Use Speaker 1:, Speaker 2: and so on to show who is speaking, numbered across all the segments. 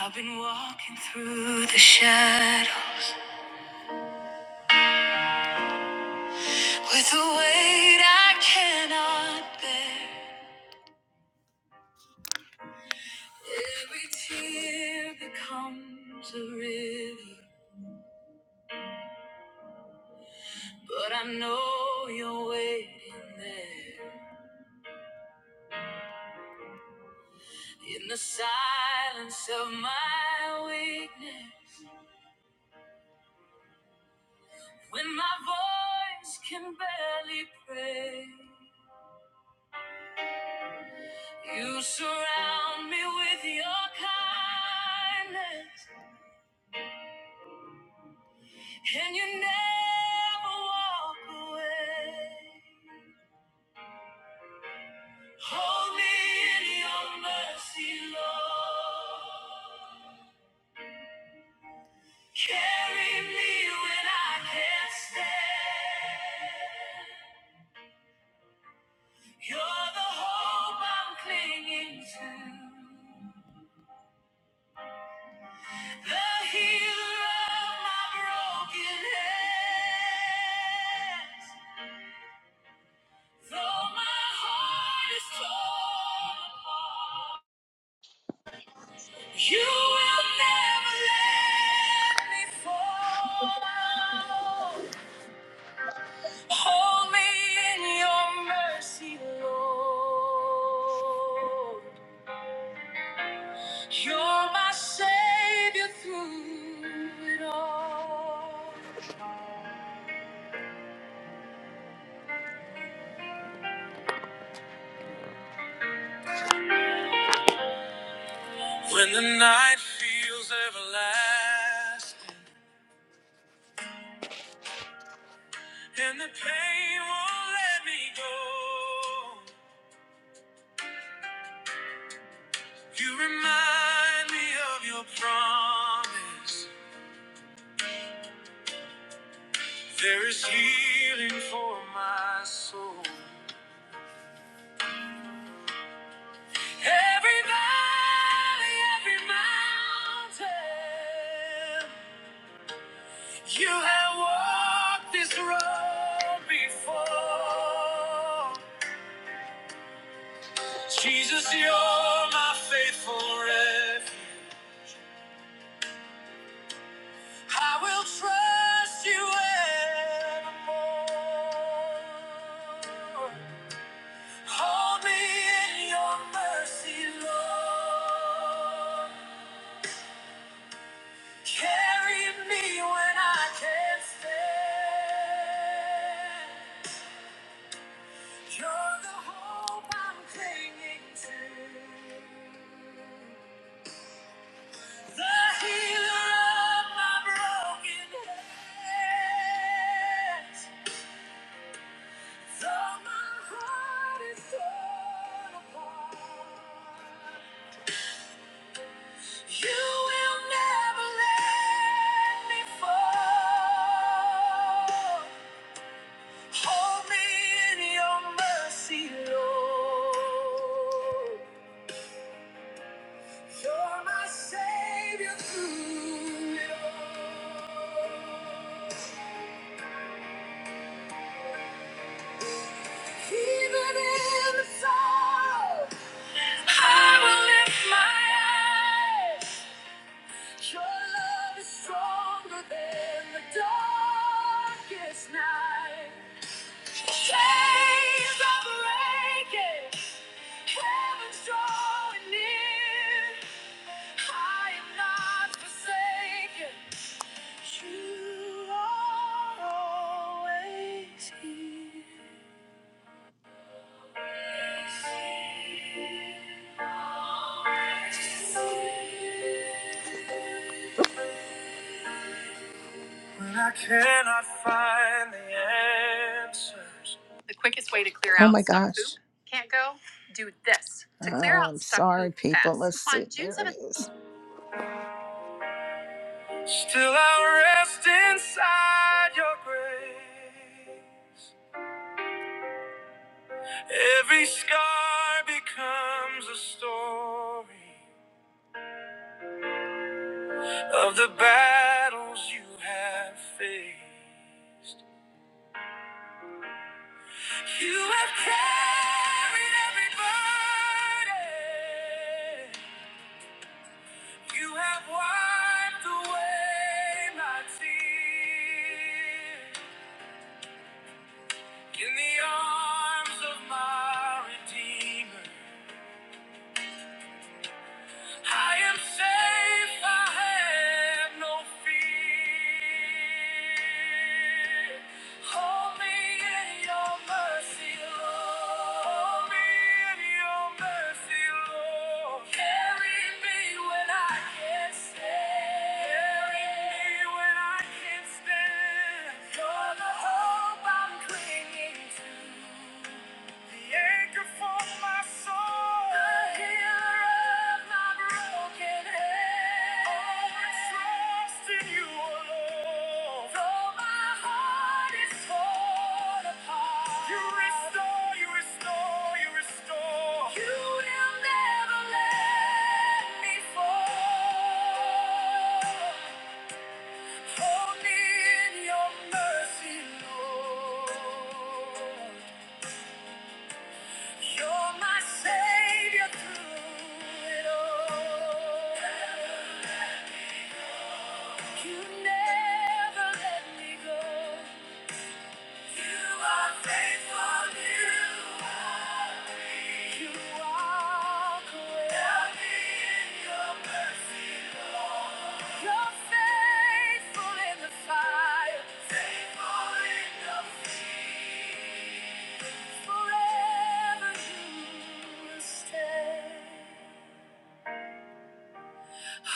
Speaker 1: I've been walking through the shadows with a weight I cannot bear. Every tear becomes a river, but I know you're waiting there. In the silence of my weakness, when my voice can barely pray, you surround me with your kindness. And you never walk away. Hold me in your mercy, Lord. Carry me when I can't stand. You're the hope I'm clinging to. The healer of my broken hands. Though my heart is torn apart. You will never let me fall. Hold me in your mercy, Lord. You're my savior through it all. When the night feels everlasting and the pain won't let me go, you remind me of your promise. There is healing for my soul. Every valley, every mountain, you have walked this road before. Jesus, you're my faithful refuge. I will trust you evermore. Hold me in your mercy, Lord. Carry me when I can't stand. You're the hope I'm clinging to. The healer of my broken hands. Though my heart is torn apart, you will never let me fall. Hold me in your mercy, Lord. You're my savior through it all. Even in the sorrow, I will lift my eyes. Your love is stronger than the darkest night. Chains are breaking. Heaven's drawing near. I am not forsaken. You are always here. Always here. Always here. When I cannot find the answers. is. Still I rest inside your grace. Every scar becomes a story of the battles you have faced. You have carried every burden. You have wiped away my tears. In the arms of my Redeemer, I am safe, I have no fear. Hold me in your mercy, Lord. Hold me in your mercy, Lord. Carry me when I can't stand. Carry me when I can't stand. You're the hope I'm clinging to. The anchor for my soul. The healer of my broken head. Always trust in you alone. Though my heart is torn apart. You restore, you restore, you restore. You will never let me fall. Hold me in your mercy, Lord. You're my savior through it all. You never let me go.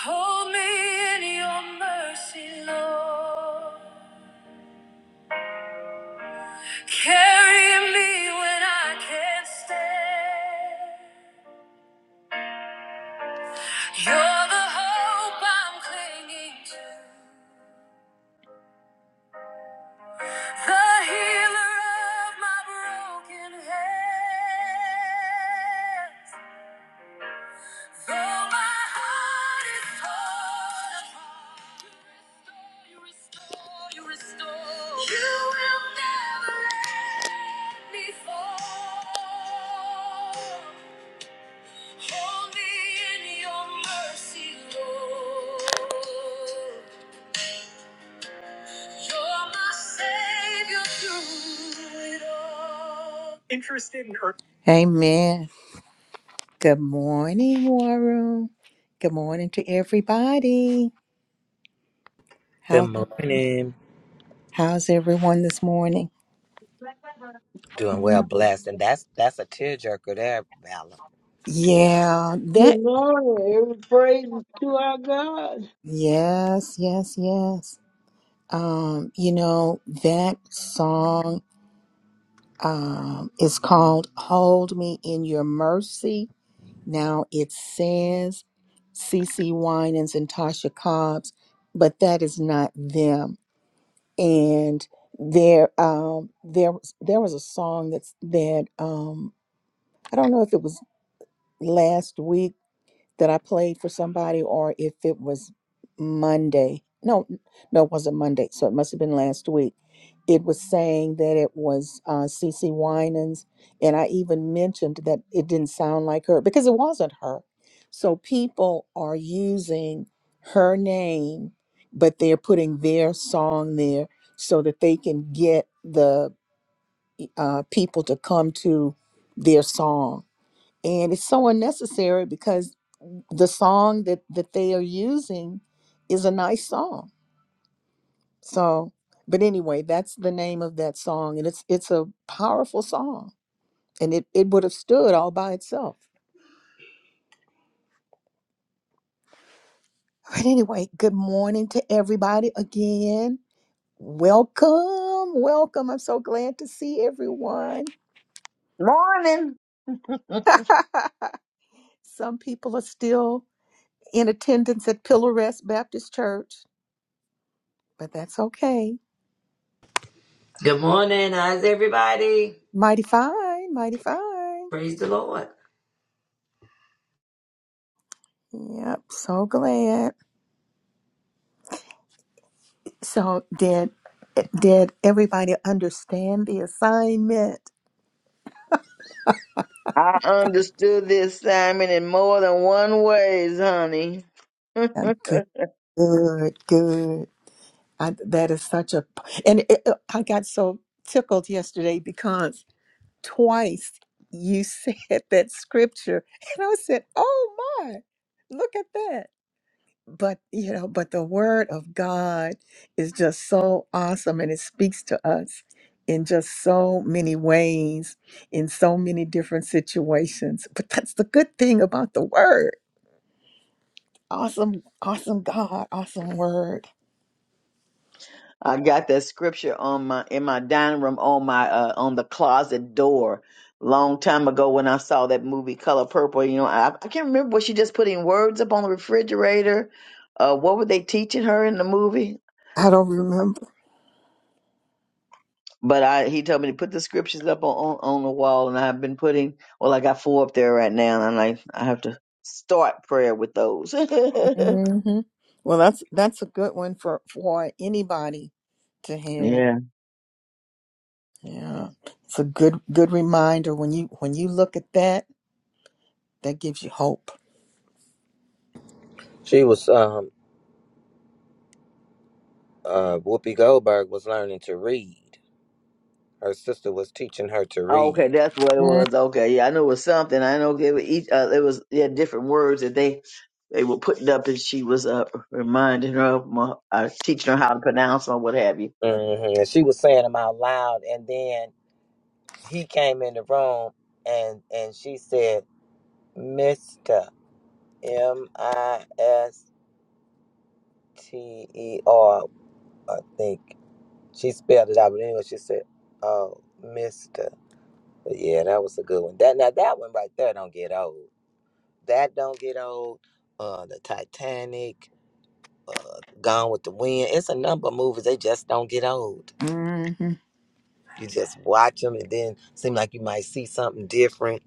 Speaker 1: Hold me in your mercy, Lord. Carry me when I can't stand. You're the hope I'm clinging to, the healer of my broken hands. Though my heart is torn apart, you restore, you restore, you restore. You will never let me fall. Amen. Good morning, War Room. Good morning to everybody.
Speaker 2: Good
Speaker 1: How
Speaker 2: morning.
Speaker 1: how's everyone this morning?
Speaker 2: Doing well,
Speaker 3: Amen.
Speaker 2: blessed, and that's that's a tearjerker there, Valor.
Speaker 1: Yeah, that
Speaker 4: Good morning. Every praise is to our God.
Speaker 1: yes, yes, yes. Um, you know, that song um is called Hold Me in Your Mercy Now it says Cece Winans and Tasha Cobbs, but that is not them. And there, um, there was there was a song that's that um, I don't know if it was last week that I played for somebody, or if it was Monday. No, n- no, it wasn't Monday. So it must have been last week. It was saying that it was uh, CC Winans, and I even mentioned that it didn't sound like her because it wasn't her. So people are using her name, but they're putting their song there so that they can get the uh, people to come to their song and it's so unnecessary because the song that that they are using is a nice song so but anyway that's the name of that song and it's it's a powerful song and it it would have stood all by itself but anyway good morning to everybody again welcome welcome i'm so glad to see everyone
Speaker 5: Morning.
Speaker 1: some people are still in attendance at pillar rest baptist church but that's okay
Speaker 6: Good morning. How's everybody?
Speaker 1: mighty fine mighty fine
Speaker 6: Praise the Lord.
Speaker 1: yep so glad So did did everybody understand the assignment?
Speaker 5: I understood the assignment in more than one ways, honey.
Speaker 1: And
Speaker 5: I
Speaker 1: Good, good. good. I, that is such a and it, it- I got so tickled yesterday because twice you said that scripture, and I said, "Oh my, look at that!" but you know but the word of god is just so awesome and it speaks to us in just so many ways in so many different situations but that's the good thing about the word awesome awesome god awesome word
Speaker 5: got that scripture on my in my dining room on my uh, on the closet door long time ago when I saw that movie Color Purple. You know, I, I can't remember was she just putting words up on the refrigerator. Uh, what were they teaching her in the movie?
Speaker 1: I don't remember.
Speaker 5: But I he told me to put the scriptures up on, on on the wall, and I've been putting. Well, I got four up there right now, and I'm like I have to start prayer with those.
Speaker 1: hmm well that's that's a good one for for anybody to have
Speaker 5: Yeah.
Speaker 1: yeah it's a good good reminder when you when you look at that that gives you hope
Speaker 2: She was um uh Whoopi Goldberg was learning to read. Her sister was teaching her to
Speaker 5: Oh, okay,
Speaker 2: read,
Speaker 5: that's what it was. Okay, yeah, I knew it was something. I know they were each. Uh, it was yeah, different words that they they were putting up, and she was uh reminding her, of my- uh, teaching her how to pronounce them or what have you.
Speaker 2: hmm and she was saying them out loud. And then he came in the room, and and she said, "Mister M I S T E R." I think she spelled it out, but anyway, she said, "Oh, Mister." But yeah, that was a good one. That now that one right there don't get old. That don't get old. Uh, the Titanic, uh, Gone with the Wind. It's a number of movies. They just don't get old.
Speaker 1: Mhm.
Speaker 2: You just watch them, and then seem like you might see something different.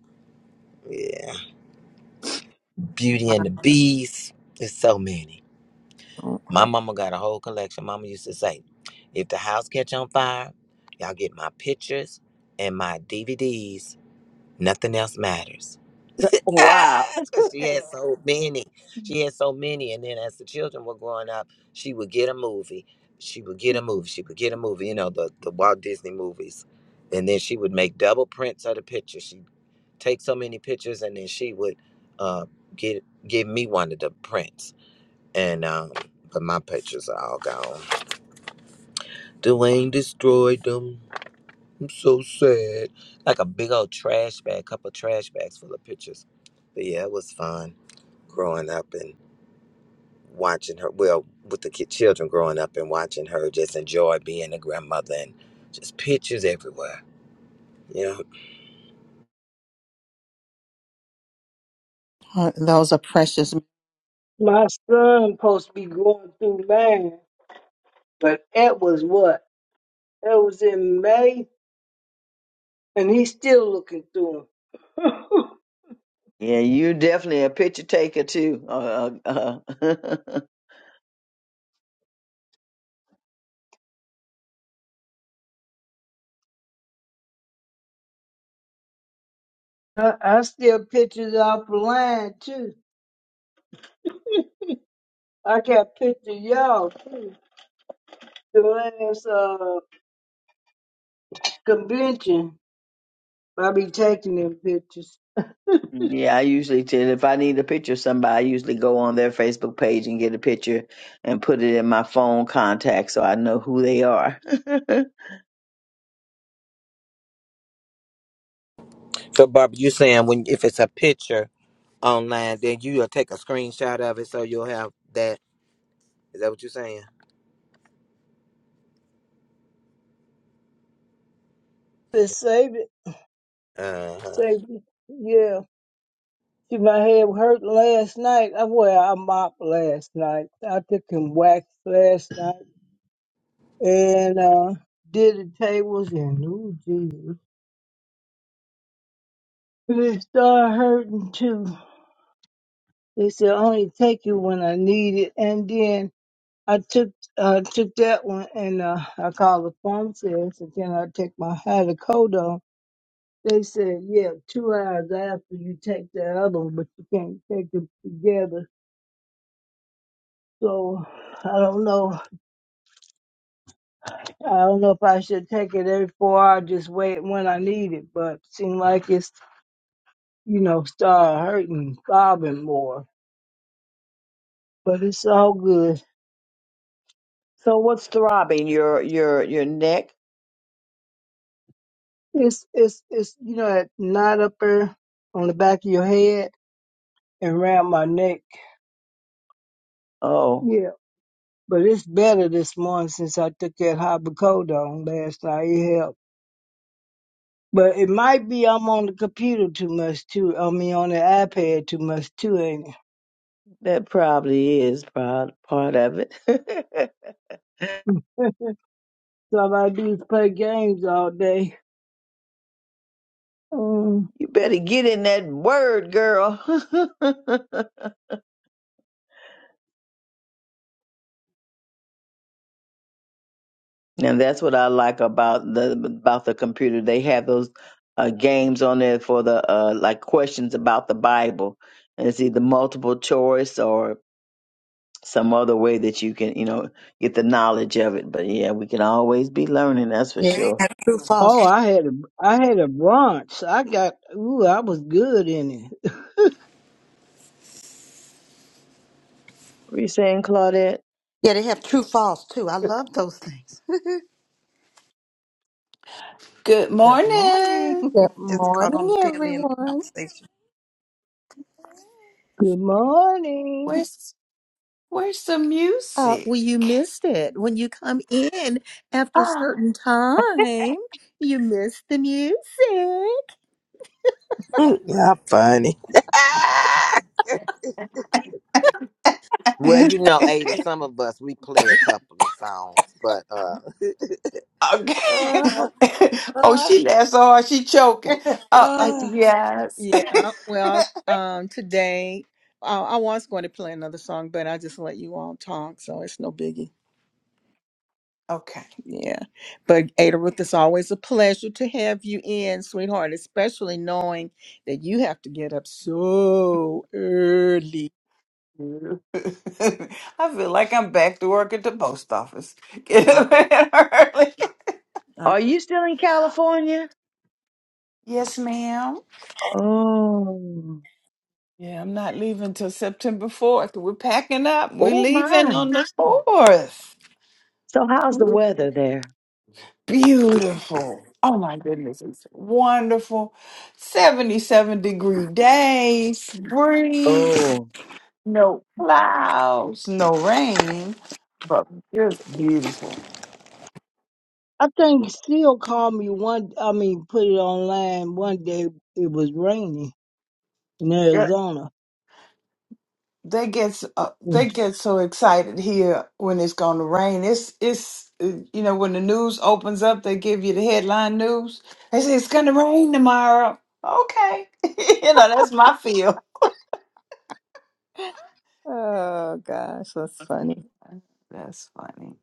Speaker 2: Yeah, Beauty and the Beast. There's so many. My mama got a whole collection. Mama used to say, "If the house catch on fire, y'all get my pictures and my DVDs. Nothing else matters."
Speaker 5: Wow.
Speaker 2: 'Cause she had so many. She had so many. And then as the children were growing up, she would get a movie. She would get a movie. She would get a movie, you know, the, the Walt Disney movies. And then she would make double prints of the pictures. She'd take so many pictures and then she would uh, get give me one of the prints. And um, but my pictures are all gone. Dwayne destroyed them. I'm so sad. Like a big old trash bag, couple trash bags full of pictures. But yeah, it was fun growing up and watching her. Well, with the kid, children growing up and watching her just enjoy being a grandmother and just pictures everywhere. You know.
Speaker 1: Uh, Those are precious.
Speaker 4: My son supposed to be going through land, but that was what? That was in May, and he's still looking through 'em.
Speaker 5: Yeah, you definitely a picture taker too. Uh, uh, uh.
Speaker 4: I, I still pictures off the land too. I got pictures of y'all too. The last uh, convention, I be taking them pictures.
Speaker 5: yeah, I usually tell if I need a picture of somebody, I usually go on their Facebook page and get a picture and put it in my phone contact so I know who they are.
Speaker 2: So, Barbara, you saying when if it's a picture online, then you'll take a screenshot of it so you'll have that. Is that what you're saying?
Speaker 4: Just save it,
Speaker 2: Uh huh.
Speaker 4: save it. Yeah. See, my head hurt last night. I well, I mopped last night. I took and waxed last night and uh did the tables and oh Jesus. And it started hurting too. They said only take you when I need it. And then I took uh took that one and uh I called the pharmacist and then I take my hydrocodone. They said, Yeah, two hours after you take that other one, but you can't take them together. So I don't know. I don't know if I should take it every four hours, just wait when I need it, but seem like it's, you know, start hurting, throbbing more. But it's all good.
Speaker 5: so what's throbbing? Your your your neck?
Speaker 4: It's, it's, it's, you know, that knot up there on the back of your head and around my neck.
Speaker 5: Oh.
Speaker 4: Yeah. But it's better this morning since I took that hybridone last night. It helped. But it might be I'm on the computer too much too. I mean, on the iPad too much too, ain't it?
Speaker 5: That probably is part, part of it.
Speaker 4: So all I do is play games all day. Um,
Speaker 5: you better get in that word, girl. and that's what I like about the about the computer. They have those uh, games on there for the uh, like questions about the Bible, and it's either multiple choice or some other way that you can you know get the knowledge of it. But yeah, we can always be learning. That's for
Speaker 7: Yeah, they
Speaker 5: sure.
Speaker 7: have true false.
Speaker 4: Oh, I had a I had a brunch. I got ooh, I was good in it.
Speaker 5: What are you saying, Claudette?
Speaker 7: Yeah, they have true false too. I love those things.
Speaker 8: Good
Speaker 7: Good
Speaker 8: morning.
Speaker 7: morning.
Speaker 1: Good
Speaker 7: Just caught on
Speaker 1: morning,
Speaker 7: the tail end of the
Speaker 1: everyone.
Speaker 7: conversation.
Speaker 4: Good morning.
Speaker 8: Where's where's the
Speaker 1: Uh,
Speaker 8: music?
Speaker 1: well, you missed it. When you come in after a
Speaker 8: Ah.
Speaker 1: certain time, you miss the music.
Speaker 2: Y'all funny. Well, you know,
Speaker 8: okay.
Speaker 2: Ada, some of us we play a couple of songs, but uh, uh,
Speaker 1: Well,
Speaker 8: oh,
Speaker 2: uh,
Speaker 8: she laughs so hard she choking. Oh, uh,
Speaker 2: uh.
Speaker 8: yes.
Speaker 1: yeah. Well, um, today uh, I was going to play another song, but I just let you all talk, so it's no biggie.
Speaker 8: Okay.
Speaker 1: Yeah. But Ada Ruth, it's always a pleasure to have you in, sweetheart, especially knowing that you have to get up so early.
Speaker 8: I feel like I'm back to work at the post office. Get
Speaker 1: I-
Speaker 8: up early.
Speaker 1: I-
Speaker 5: Are you still in California?
Speaker 8: Yes, ma'am.
Speaker 5: Oh,
Speaker 8: Yeah, I'm not leaving till September 4th. We're packing up. We're
Speaker 5: oh
Speaker 8: leaving
Speaker 5: my.
Speaker 8: on the 4th.
Speaker 5: So how's the weather there?
Speaker 8: Beautiful. Oh my goodness, it's wonderful. 77 degree days, breeze,
Speaker 5: Oh,
Speaker 8: no clouds, no rain, but just beautiful.
Speaker 4: I think still called me one. I mean, put it online one day. It was raining in
Speaker 8: Good.
Speaker 4: Arizona,
Speaker 8: They get s- uh,
Speaker 4: and
Speaker 8: they get so excited here when it's going to rain. It's it's uh, you know when the news opens up, they give you the headline news. They say it's going to rain tomorrow. Okay, you know that's my feel.
Speaker 1: Oh gosh, that's funny.
Speaker 8: That's funny.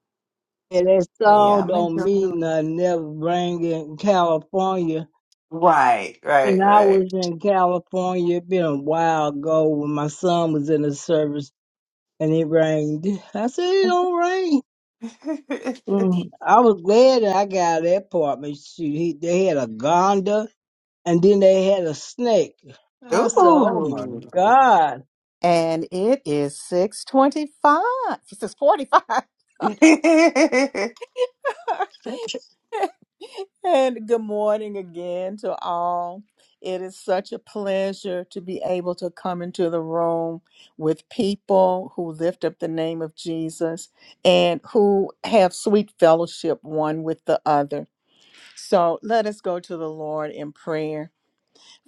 Speaker 4: that
Speaker 8: But yeah,
Speaker 4: song
Speaker 8: I'm
Speaker 4: don't mean
Speaker 8: enjoying it.
Speaker 4: nothing. Never rain in California,
Speaker 8: Right,
Speaker 4: and
Speaker 8: right,
Speaker 4: I was
Speaker 8: right.
Speaker 4: in California. It been a while ago when my son was in the service, and it rained. I said it don't rain Mm, I was glad that I got out of that apartment. shoot, he, they had a gonda and then they had a snake. I said, oh my
Speaker 8: Ooh.
Speaker 4: God.
Speaker 1: And it is 625. 645. And good morning again to all. It is such a pleasure to be able to come into the room with people who lift up the name of Jesus and who have sweet fellowship one with the other. So let us go to the Lord in prayer.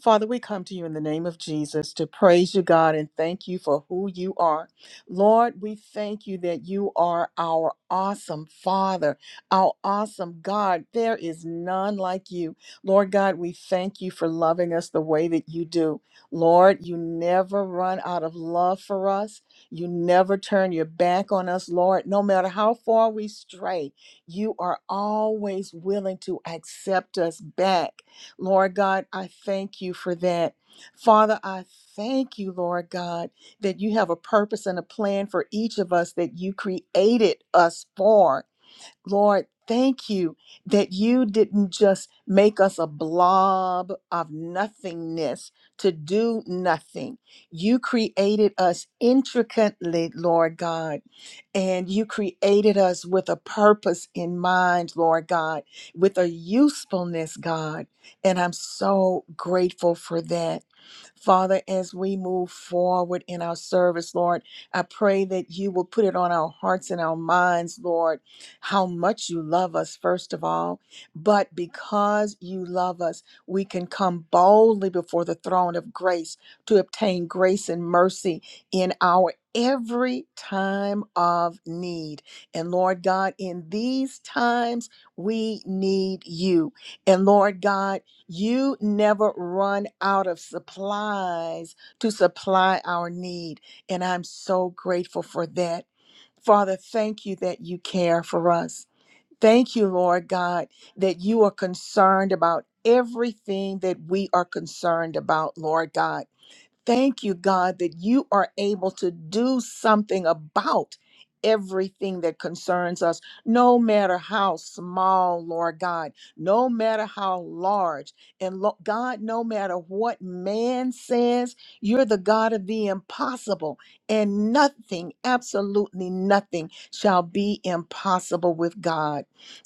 Speaker 1: Father, we come to you in the name of Jesus to praise you, God, and thank you for who you are. Lord, we thank you that you are our awesome Father, our awesome God. There is none like you. Lord God, we thank you for loving us the way that you do. Lord, you never run out of love for us. You never turn your back on us, Lord. No matter how far we stray, you are always willing to accept us back. Lord God, I thank you for that. Father, I thank you, Lord God, that you have a purpose and a plan for each of us that you created us for. Lord, thank you that you didn't just make us a blob of nothingness to do nothing. You created us intricately, Lord God. And you created us with a purpose in mind, Lord God, with a usefulness, God. And I'm so grateful for that. Father, as we move forward in our service, Lord, I pray that you will put it on our hearts and our minds, Lord, how much you love us, first of all. But because you love us, we can come boldly before the throne of grace to obtain grace and mercy in our every time of need. And Lord God, in these times, we need you. And Lord God, you never run out of supplies to supply our need. And I'm so grateful for that. Father, thank you that you care for us. Thank you, Lord God, that you are concerned about everything that we are concerned about, Lord God. Thank you, God, that you are able to do something about everything that concerns us, no matter how small, Lord God, no matter how large. And lo- God, no matter what man says, you're the God of the impossible, and nothing, absolutely nothing, shall be impossible with God.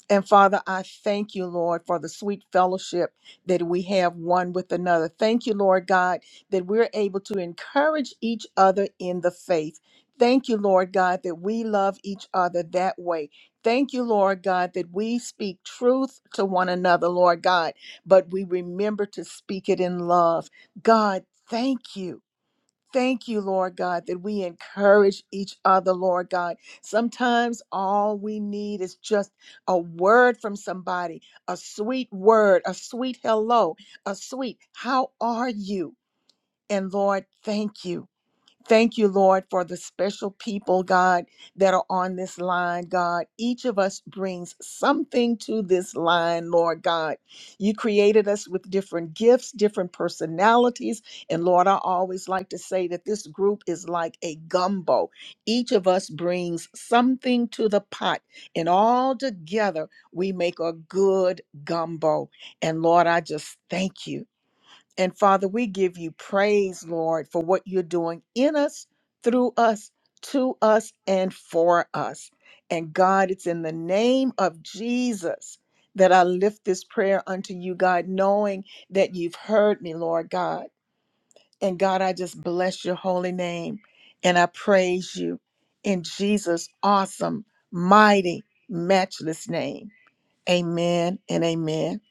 Speaker 1: And Father, I thank you, Lord, for the sweet fellowship that we have one with another. Thank you, Lord God that we're able to encourage each other in the faith. Thank you, Lord God, that we love each other that way. Thank you, Lord God, that we speak truth to one another, Lord God, but we remember to speak it in love. God, thank you. Thank you, Lord God, that we encourage each other, Lord God. Sometimes all we need is just a word from somebody, a sweet word, a sweet hello, a sweet, how are you? And Lord, thank you. Thank you, Lord, for the special people, God, that are on this line, God. Each of us brings something to this line, Lord God. You created us with different gifts, different personalities. And Lord, I always like to say that this group is like a gumbo. Each of us brings something to the pot, and all together we make a good gumbo. And Lord, I just thank you. And Father, we give you praise, Lord, for what you're doing in us, through us, to us, and for us. And God, it's in the name of Jesus that I lift this prayer unto you, God, knowing that you've heard me, Lord God. And God, I just bless your holy name and I praise you in Jesus' awesome, mighty, matchless name. Amen and amen.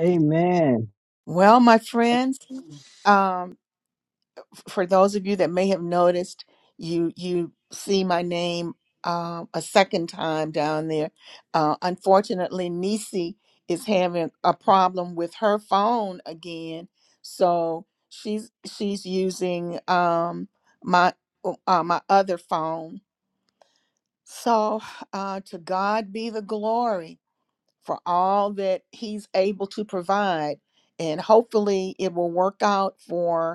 Speaker 4: Amen.
Speaker 1: Well, my friends, um, for those of you that may have noticed, you you see my name um, a second time down there. Uh, unfortunately, Nisi is having a problem with her phone again, so she's she's using um, my uh, my other phone. So uh, to God be the glory for all that He's able to provide, and hopefully it will work out for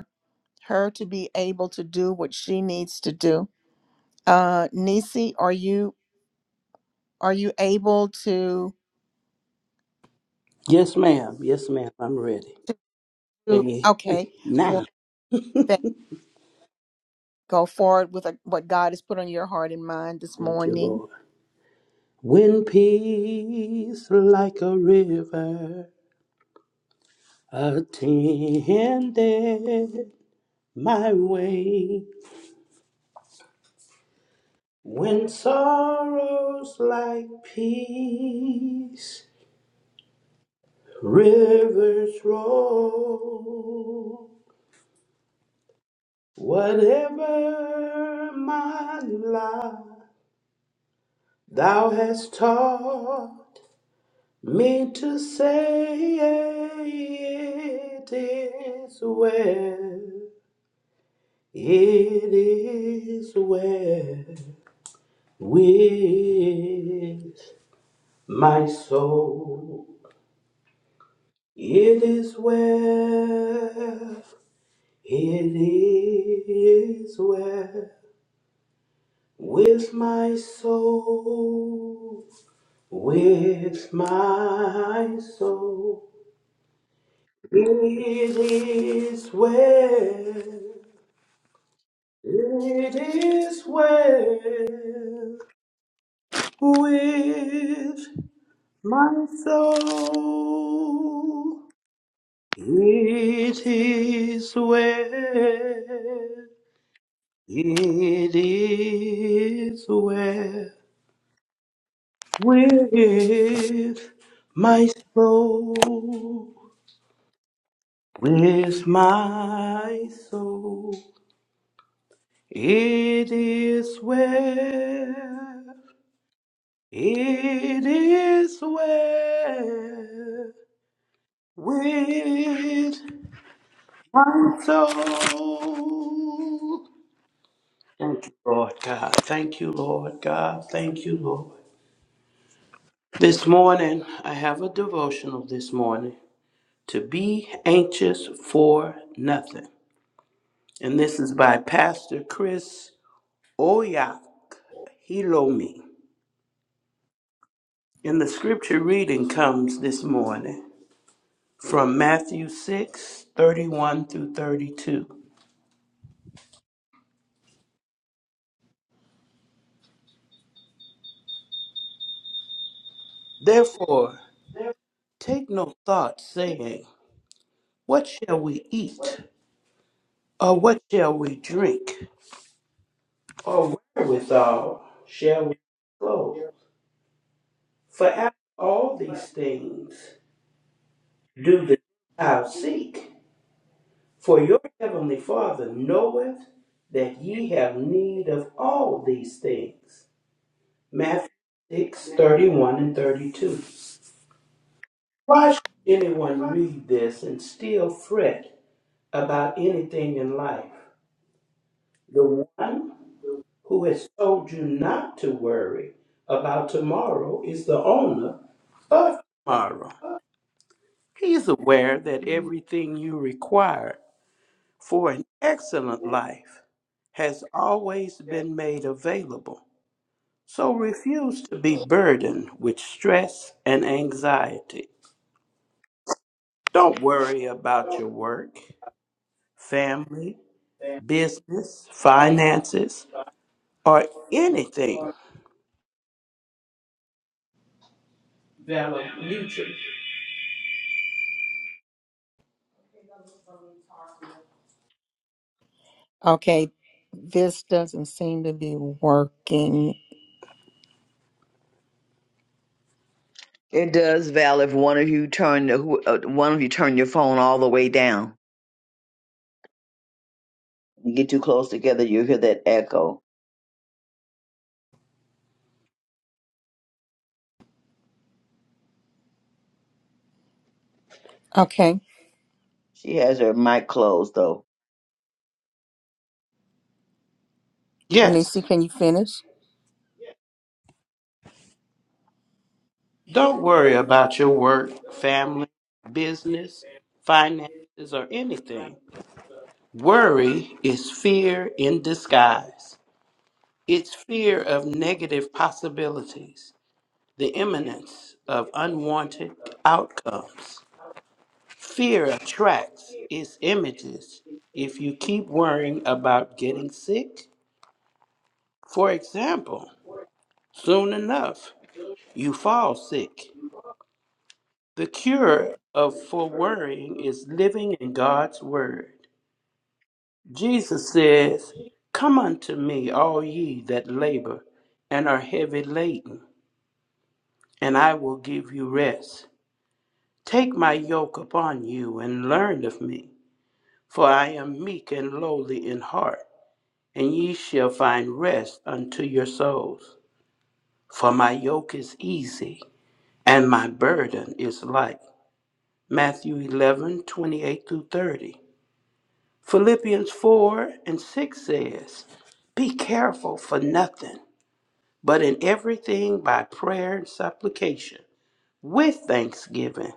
Speaker 1: her to be able to do what she needs to do. Uh, Nisi, are you are you able to?
Speaker 9: Yes, ma'am. Yes, ma'am. I'm ready.
Speaker 1: to-
Speaker 9: Can you hear
Speaker 1: Okay,
Speaker 9: me
Speaker 1: well,
Speaker 9: now?
Speaker 1: then go forward with uh what God has put on your heart and mind this
Speaker 9: Thank you,
Speaker 1: morning.
Speaker 9: Lord. When peace like a river attended my way, when sorrows like peace rivers roll, whatever my life thou hast taught. Me to say it is well, it is well with my soul. It is well, it is well with my soul, with my soul. It is well. It is well with my soul. It is well. It is well with my soul. With my soul. It is well. It is well with my soul. Thank you, Lord God. Thank you, Lord God. Thank you, Lord. This morning, I have a devotional this morning to be anxious for nothing. And this is by Pastor Chris Oya Hilomi. And the scripture reading comes this morning from Matthew 6 31 through 32. Therefore, take no thought, saying, What shall we eat? Or what shall we drink? Or wherewithal shall we clothe? For after all these things do the Gentiles seek. For your heavenly Father knoweth that ye have need of all these things. Matthew 6 31 and 32. Why should anyone read this and still fret about anything in life? The one who has told you not to worry about tomorrow is the owner of tomorrow. He's aware that everything you require for an excellent life has always been made available. So refuse to be burdened with stress and anxiety. Don't worry about your work, family, business, finances, or anything.
Speaker 1: Valor Okay, this doesn't seem to be working.
Speaker 5: it does, Val. If one of you turn the, who- uh, one of you turn your phone all the way down, you get too close together, you hear that echo.
Speaker 1: Okay,
Speaker 5: She has her mic closed though.
Speaker 9: Yes,
Speaker 1: Nisi, can you finish?
Speaker 9: don't worry about your work, family, business, finances, or anything. Worry is fear in disguise. It's fear of negative possibilities, the imminence of unwanted outcomes. Fear attracts its images if you keep worrying about getting sick. For example, soon enough, You fall sick. The cure of for worrying is living in God's word. Jesus says, "Come unto me, all ye that labor and are heavy laden, and I will give you rest. Take my yoke upon you and learn of me, for I am meek and lowly in heart, and ye shall find rest unto your souls. For my yoke is easy and my burden is light." Matthew 11 28 through 30. Philippians 4 and 6 says, Be careful for nothing, but in everything by prayer and supplication, with thanksgiving,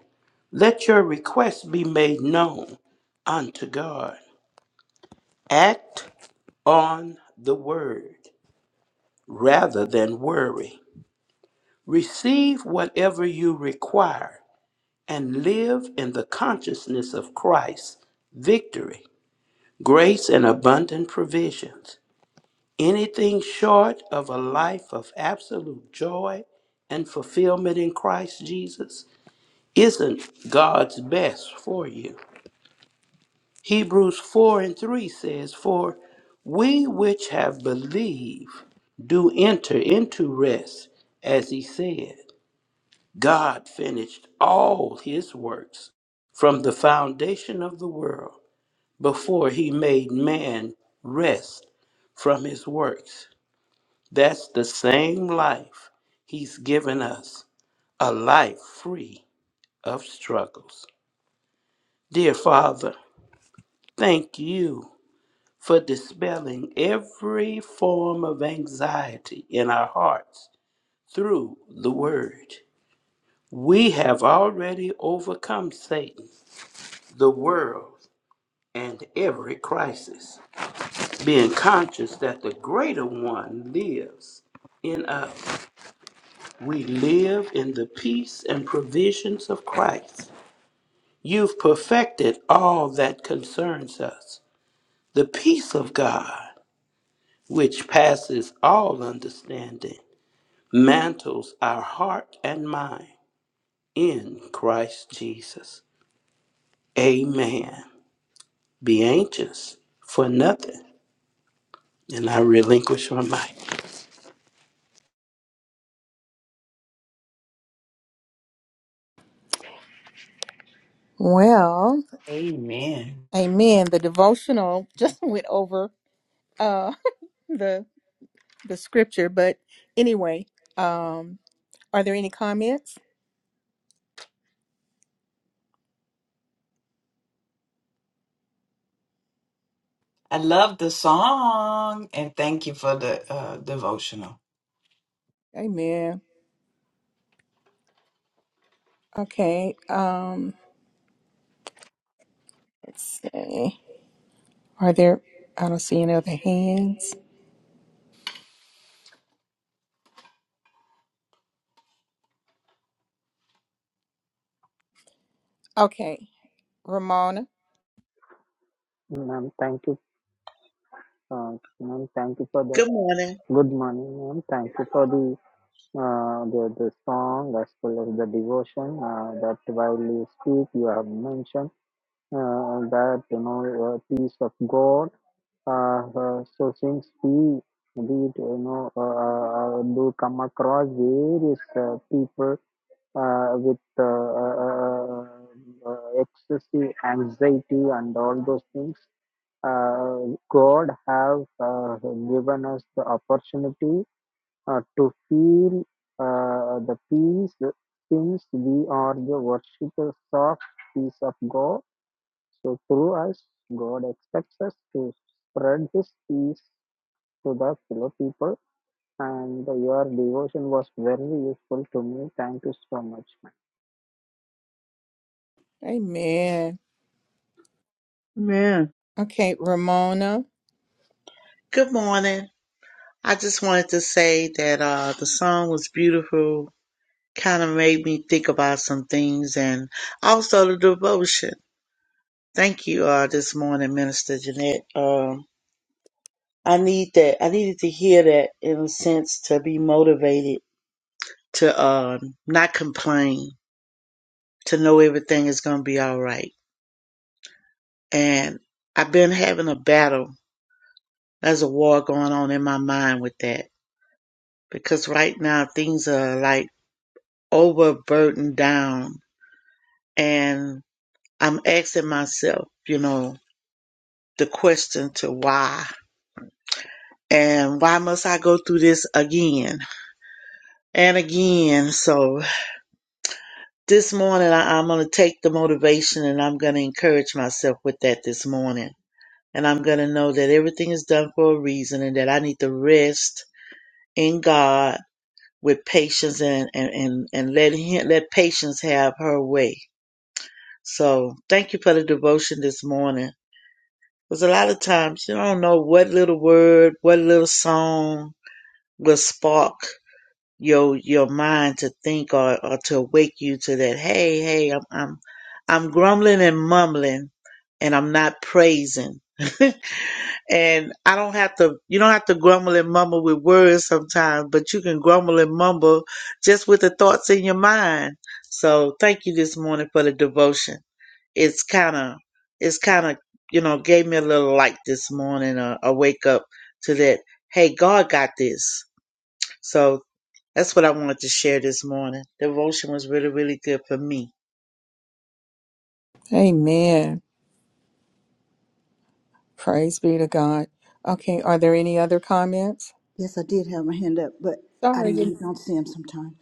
Speaker 9: let your requests be made known unto God. Act on the word rather than worry. Receive whatever you require and live in the consciousness of Christ's victory grace and abundant provisions. Anything short of a life of absolute joy and fulfillment in Christ Jesus isn't God's best for you. Hebrews 4 and 3 says, For we which have believed do enter into rest, as he said. God finished all his works from the foundation of the world before he made man rest from his works. That's the same life he's given us, a life free of struggles. Dear Father, thank you for dispelling every form of anxiety in our hearts through the Word. We have already overcome Satan, the world, and every crisis. being conscious that the greater one lives in us. We live in the peace and provisions of Christ. You've perfected all that concerns us. The peace of God, which passes all understanding, mantles our heart and mind in Christ Jesus. Amen. Be anxious for nothing. And I relinquish my mic.
Speaker 1: Well,
Speaker 8: Amen.
Speaker 1: amen. The devotional just went over uh the the scripture, but anyway, um are there any comments?
Speaker 8: I love the song and thank you for the uh, devotional.
Speaker 1: Amen. Okay. Um let's see. Are there I don't see any other hands. Okay. Ramona.
Speaker 10: Ma'am, thank you. Uh, ma'am, thank you for the
Speaker 11: Good morning.
Speaker 10: good morning, ma'am. Thank you for the uh, the, the song as well as the devotion uh, that while you speak, you have mentioned uh, that you know uh, peace of God. Uh, uh, so since we we you know uh, uh, uh, do come across various uh, people uh, with uh, uh, uh, uh, excessive anxiety and all those things uh, God have uh, given us the opportunity uh, to feel uh, the peace since we are the worshippers of peace of God. So through us, God expects us to spread His peace to the fellow people. And your devotion was very useful to me. Thank you so much, ma'am.
Speaker 1: Amen.
Speaker 5: Man,
Speaker 1: Okay, Ramona.
Speaker 11: Good morning. I just wanted to say that uh, the song was beautiful. Kind of made me think about some things and also the devotion. Thank you uh, this morning, Minister Jeanette. Um, I need that. I needed to hear that in a sense to be motivated to um, not complain, to know everything is going to be all right. And I've been having a battle. There's a war going on in my mind with that because right now things are like overburdened down and I'm asking myself, you know, the question to why and why must I go through this again and again? So this morning I, I'm going to take the motivation and I'm going to encourage myself with that this morning. And I'm going to know that everything is done for a reason and that I need to rest in God with patience and, and, and, and let him, let patience have her way. So thank you for the devotion this morning. Because a lot of times you don't know what little word, what little song will spark your your mind to think or, or to wake you to that. Hey, hey, I'm I'm I'm grumbling and mumbling, and I'm not praising. and I don't have to. You don't have to grumble and mumble with words sometimes, but you can grumble and mumble just with the thoughts in your mind. So thank you this morning for the devotion it's kind of it's kind of you know gave me a little light this morning a, a wake up to that hey god got this so that's what i wanted to share this morning devotion was really really good for me
Speaker 1: Amen. Praise be to God. Okay, are there any other comments?
Speaker 7: Yes, I did have my hand up, but I
Speaker 1: Sorry.
Speaker 7: know you
Speaker 1: didn't-
Speaker 7: don't see them sometimes.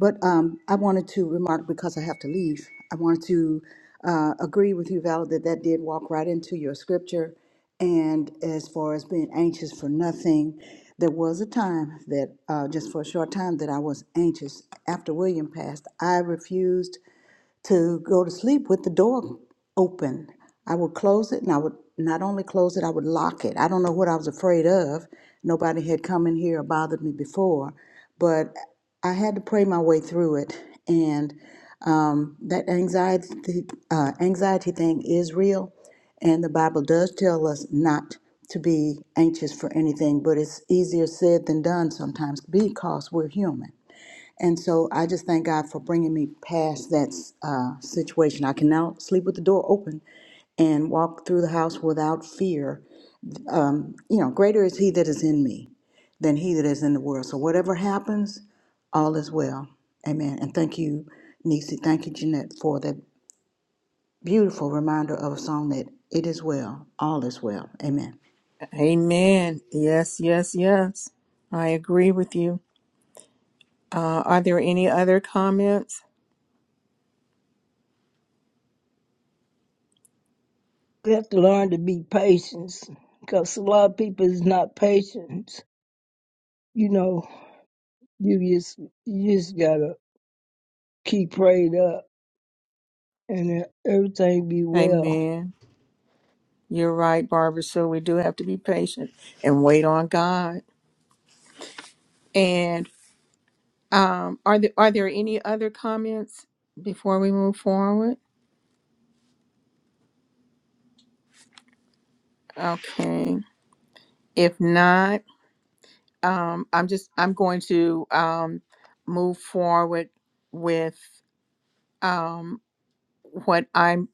Speaker 7: But um, I wanted to remark because I have to leave. I wanted to uh, agree with you, Val, that that did walk right into your scripture. And as far as being anxious for nothing, there was a time that uh, just for a short time that I was anxious. After William passed, I refused to go to sleep with the door open. I would close it and I would not only close it, I would lock it. I don't know what I was afraid of. Nobody had come in here or bothered me before, but I had to pray my way through it. And um, that anxiety, uh, anxiety thing is real. And the Bible does tell us not to be anxious for anything, but it's easier said than done sometimes because we're human. And so I just thank God for bringing me past that uh, situation. I can now sleep with the door open and walk through the house without fear. You know, greater is He that is in me than He that is in the world. So whatever happens, all is well. Amen. And thank you, Nisi. Thank you, Jeanette, for that beautiful reminder of a song that it is well, all is well. Amen.
Speaker 1: Amen. Yes, yes, yes. I agree with you. Uh, are there any other comments?
Speaker 4: You have to learn to be patient because a lot of people is not patient. You know, you just, you just got to keep prayed up and then everything be well.
Speaker 1: Amen. You're right, Barbara. So we do have to be patient and wait on God. And um, are there are there any other comments before we move forward? Okay. If not, um, I'm just I'm going to um, move forward with um, what I'm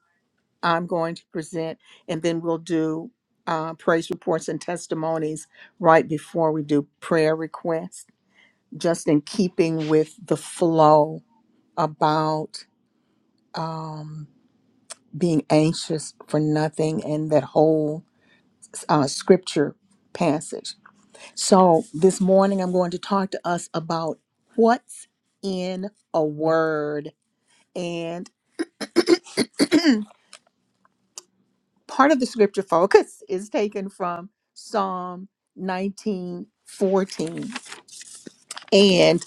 Speaker 1: I'm going to present, and then we'll do uh, praise reports and testimonies right before we do prayer requests, just in keeping with the flow about um, being anxious for nothing and that whole uh, scripture passage. So, this morning I'm going to talk to us about what's in a word. And part of the scripture focus is taken from Psalm 19:14, And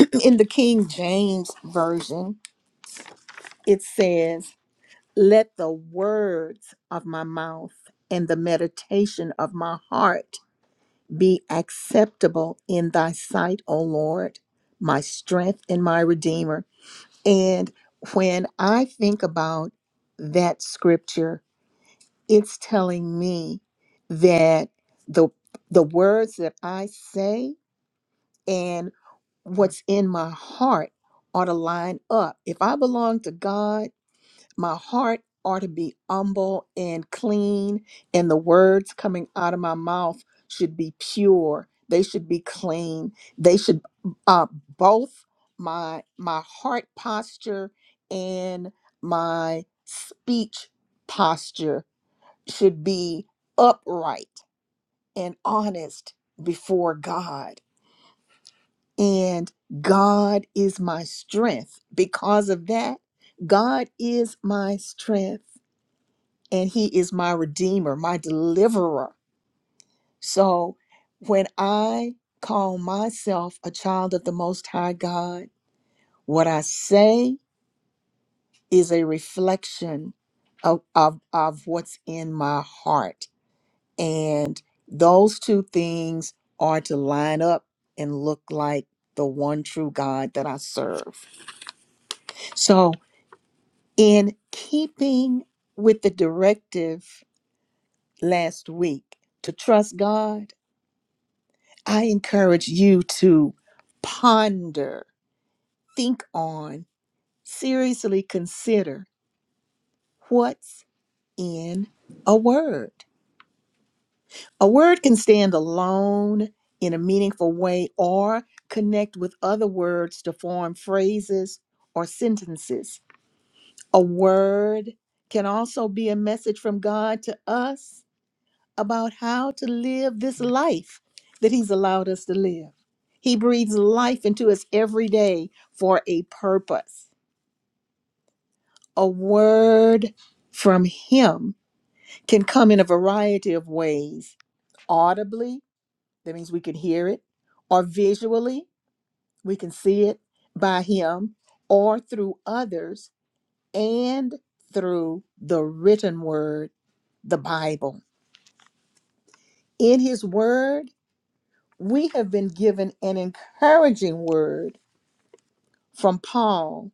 Speaker 1: in the King James Version, it says, Let the words of my mouth and the meditation of my heart be acceptable in thy sight, O Lord, my strength and my redeemer. And when I think about that scripture, it's telling me that the the words that I say and what's in my heart ought to line up. If I belong to God my heart ought to be humble and clean, and the words coming out of my mouth should be pure. They should be clean. They should uh, both my my heart posture and my speech posture should be upright and honest before God. And God is my strength. Because of that, God is my strength. and he is my redeemer, my deliverer. So when I call myself a child of the Most High God, what I say is a reflection of, of, of what's in my heart. And those two things are to line up and look like the one true God that I serve. So, in keeping with the directive last week to trust God, I encourage you to ponder, think on, seriously consider what's in a word. A word can stand alone in a meaningful way or connect with other words to form phrases or sentences. A word can also be a message from God to us about how to live this life that He's allowed us to live. He breathes life into us every day for a purpose. A word from Him can come in a variety of ways audibly, that means we can hear it, or visually, we can see it by Him, or through others, and through the written word, the Bible. In His word, we have been given an encouraging word from Paul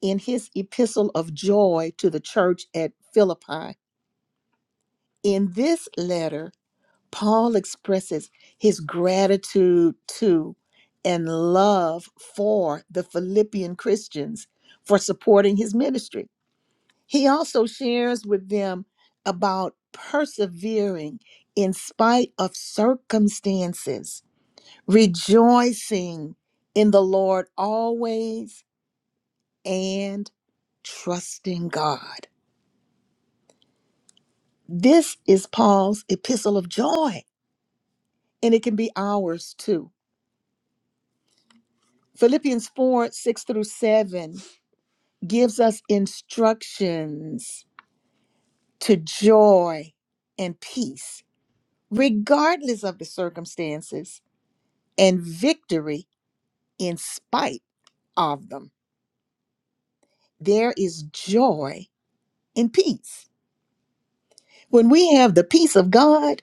Speaker 1: in his epistle of joy to the church at Philippi. In this letter, Paul expresses his gratitude to and love for the Philippian Christians for supporting his ministry. He also shares with them about persevering in spite of circumstances rejoicing in the Lord always and trusting God. This is Paul's epistle of joy, and it can be ours too. Philippians 4 6 through 7 gives us instructions to joy and peace, regardless of the circumstances, and victory in spite of them. There is joy in peace. When we have the peace of God,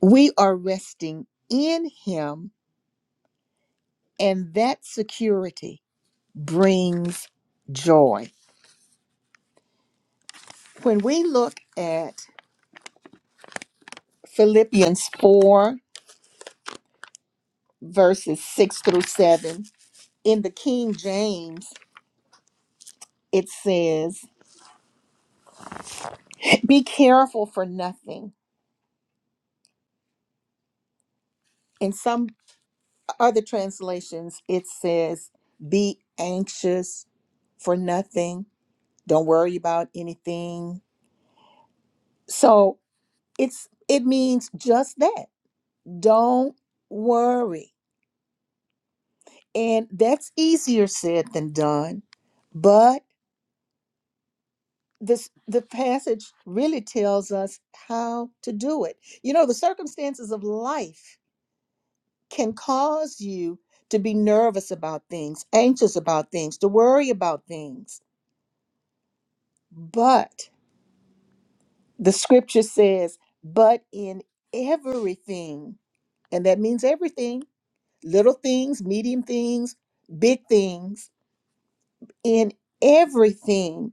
Speaker 1: We are resting in Him, and that security brings joy. When we look at Philippians 4, verses 6 through 7, in the King James, it says, Be careful for nothing. In some other translations, it says, Be anxious for nothing. Don't worry about anything. So it's it means just that Don't worry. And that's easier said than done. But this the passage really tells us how to do it. You know, the circumstances of life can cause you to be nervous about things, anxious about things, to worry about things. But the scripture says, but in everything, and that means everything, little things, medium things, big things in everything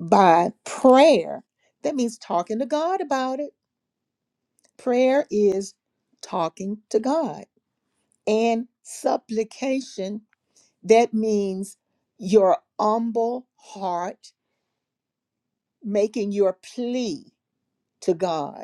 Speaker 1: by prayer. That means talking to God about it. Prayer is talking to God. And supplication, that means your humble heart making your plea to God.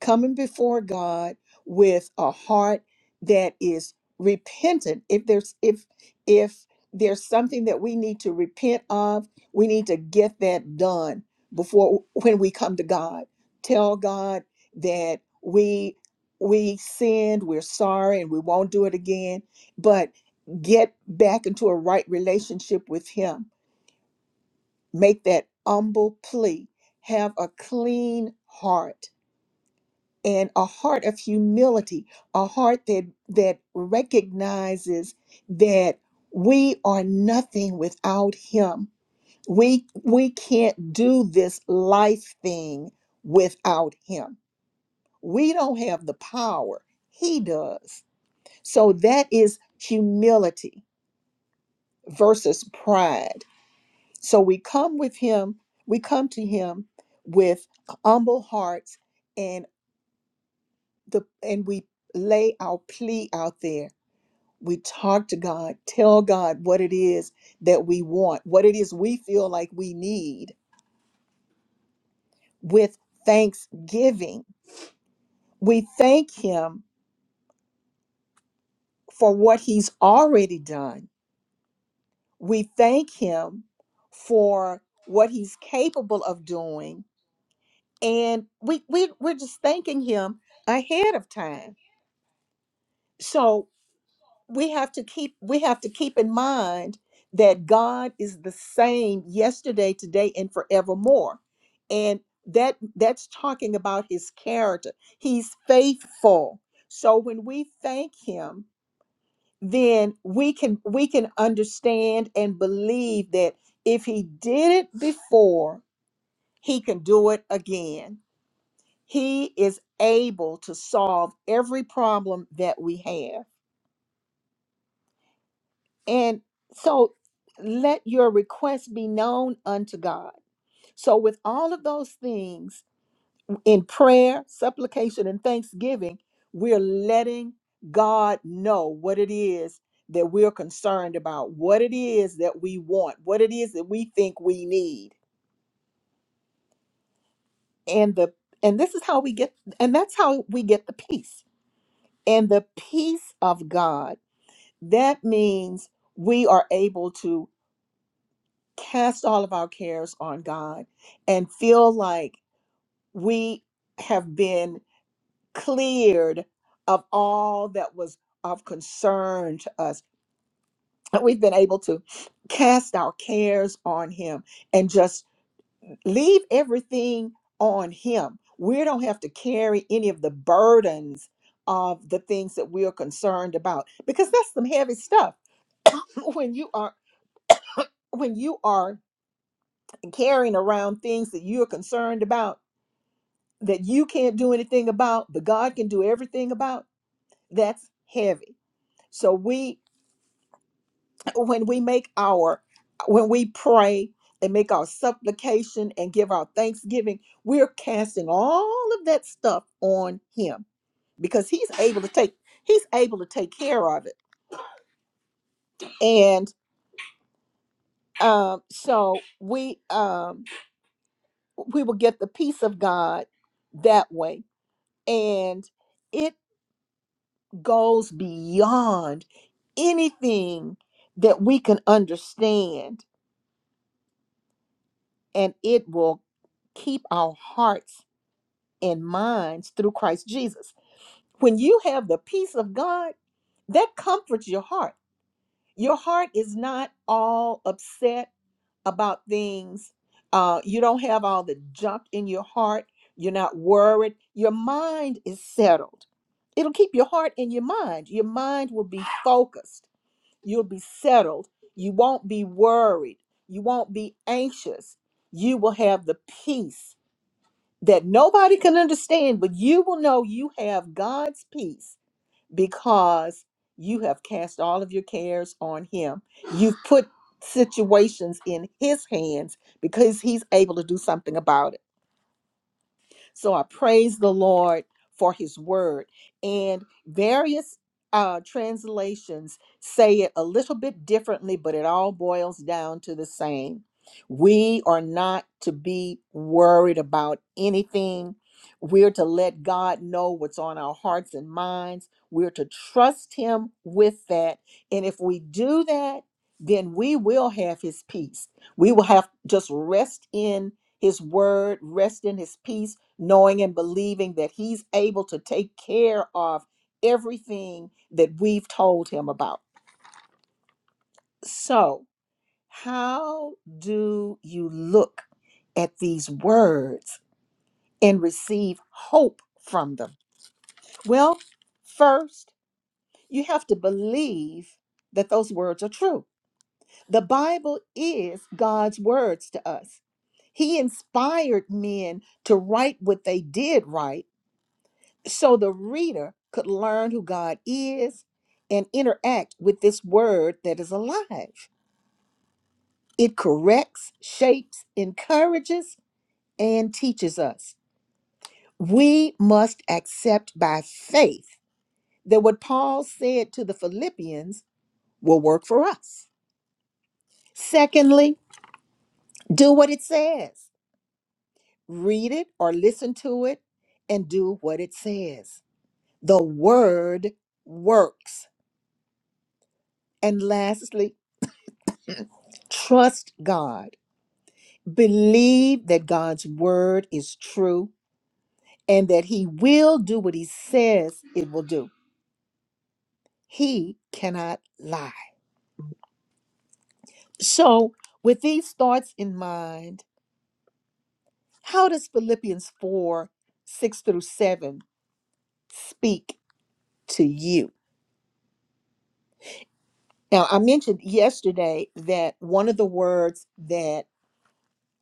Speaker 1: coming before God with a heart that is repentant if there's if if there's something that we need to repent of we need to get that done before when we come to God tell God that we we sinned we're sorry and we won't do it again but get back into a right relationship with him make that humble plea have a clean heart and a heart of humility, a heart that that recognizes that we are nothing without him. We we can't do this life thing without him. We don't have the power. He does. So that is humility versus pride. So we come with him, we come to him with humble hearts and the and we lay our plea out there we talk to God, tell God what it is that we want, what it is we feel like we need with thanksgiving. We thank Him for what He's already done. We thank Him for what He's capable of doing. And we, we, we're just thanking Him ahead of time. So we have to keep we have to keep in mind that God is the same yesterday, today, and forevermore. And that that's talking about his character. He's faithful. So when we thank him, then we can we can understand and believe that if he did it before, he can do it again. He is able to solve every problem that we have. And so let your request be known unto God. So, with all of those things in prayer, supplication, and thanksgiving, we're letting God know what it is that we're concerned about, what it is that we want, what it is that we think we need. And the and this is how we get and that's how we get the peace. And the peace of God, that means we are able to cast all of our cares on God and feel like we have been cleared of all that was of concern to us. That we've been able to cast our cares on Him and just leave everything on Him. We don't have to carry any of the burdens of the things that we are concerned about because that's some heavy stuff when you are when you are carrying around things that you are concerned about that you can't do anything about, but God can do everything about, that's heavy. So we when we make our when we pray and make our supplication and give our thanksgiving, we're casting all of that stuff on him because he's able to take he's able to take care of it. And um so we um we will get the peace of God that way. And it goes beyond anything that we can understand, and it will keep our hearts and minds through Christ Jesus. When you have the peace of God, that comforts your heart. Your heart is not all upset about things. Uh, you don't have all the junk in your heart. You're not worried. Your mind is settled. It'll keep your heart and your mind. Your mind will be focused You'll be settled. You won't be worried. You won't be anxious. You will have the peace that nobody can understand, but you will know you have God's peace because you have cast all of your cares on Him. You've put situations in His hands because He's able to do something about it. So I praise the Lord for his word. And various uh, translations say it a little bit differently, but it all boils down to the same. We are not to be worried about anything. We're to let God know what's on our hearts and minds. We're to trust Him with that. And if we do that, then we will have His peace. We will have just rest in His word, rest in His peace knowing and believing that he's able to take care of everything that we've told him about. So, how do you look at these words and receive hope from them? Well, first, you have to believe that those words are true. The Bible is God's words to us. He inspired men to write what they did write so the reader could learn who God is and interact with this word that is alive. It corrects, shapes, encourages, and teaches us. We must accept by faith that what Paul said to the Philippians will work for us. Secondly, do what it says. Read it or listen to it and do what it says. The word works. And lastly, trust God. Believe that God's word is true and that he will do what he says it will do. He cannot lie. So, with these thoughts in mind, how does Philippians 4 6 through 7 speak to you? Now, I mentioned yesterday that one of the words that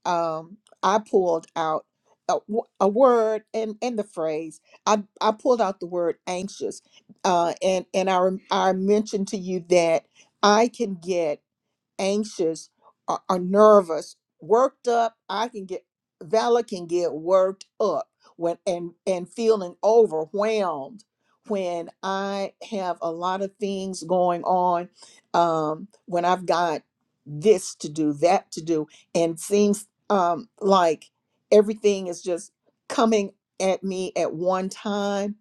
Speaker 1: um, I pulled out a, w- a word and and the phrase. I, I pulled out the word anxious, uh, and and I rem- I mentioned to you that I can get anxious or, or nervous, worked up. I can get Vala can get worked up when and and feeling overwhelmed when I have a lot of things going on. Um, when I've got this to do, that to do, and seems um, like everything is just coming at me at one time.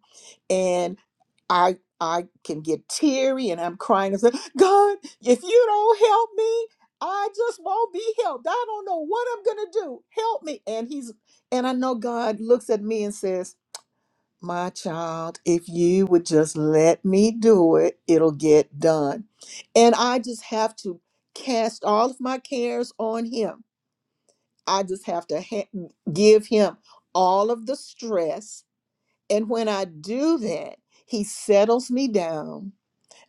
Speaker 1: I I can get teary and I'm crying and say, God, if you don't help me, I just won't be helped. I don't know what I'm gonna do. Help me. And he's and I know God looks at me and says, My child, if you would just let me do it, it'll get done. And I just have to cast all of my cares on him. I just have to ha- mm, give him all of the stress. And when I do that, he settles me down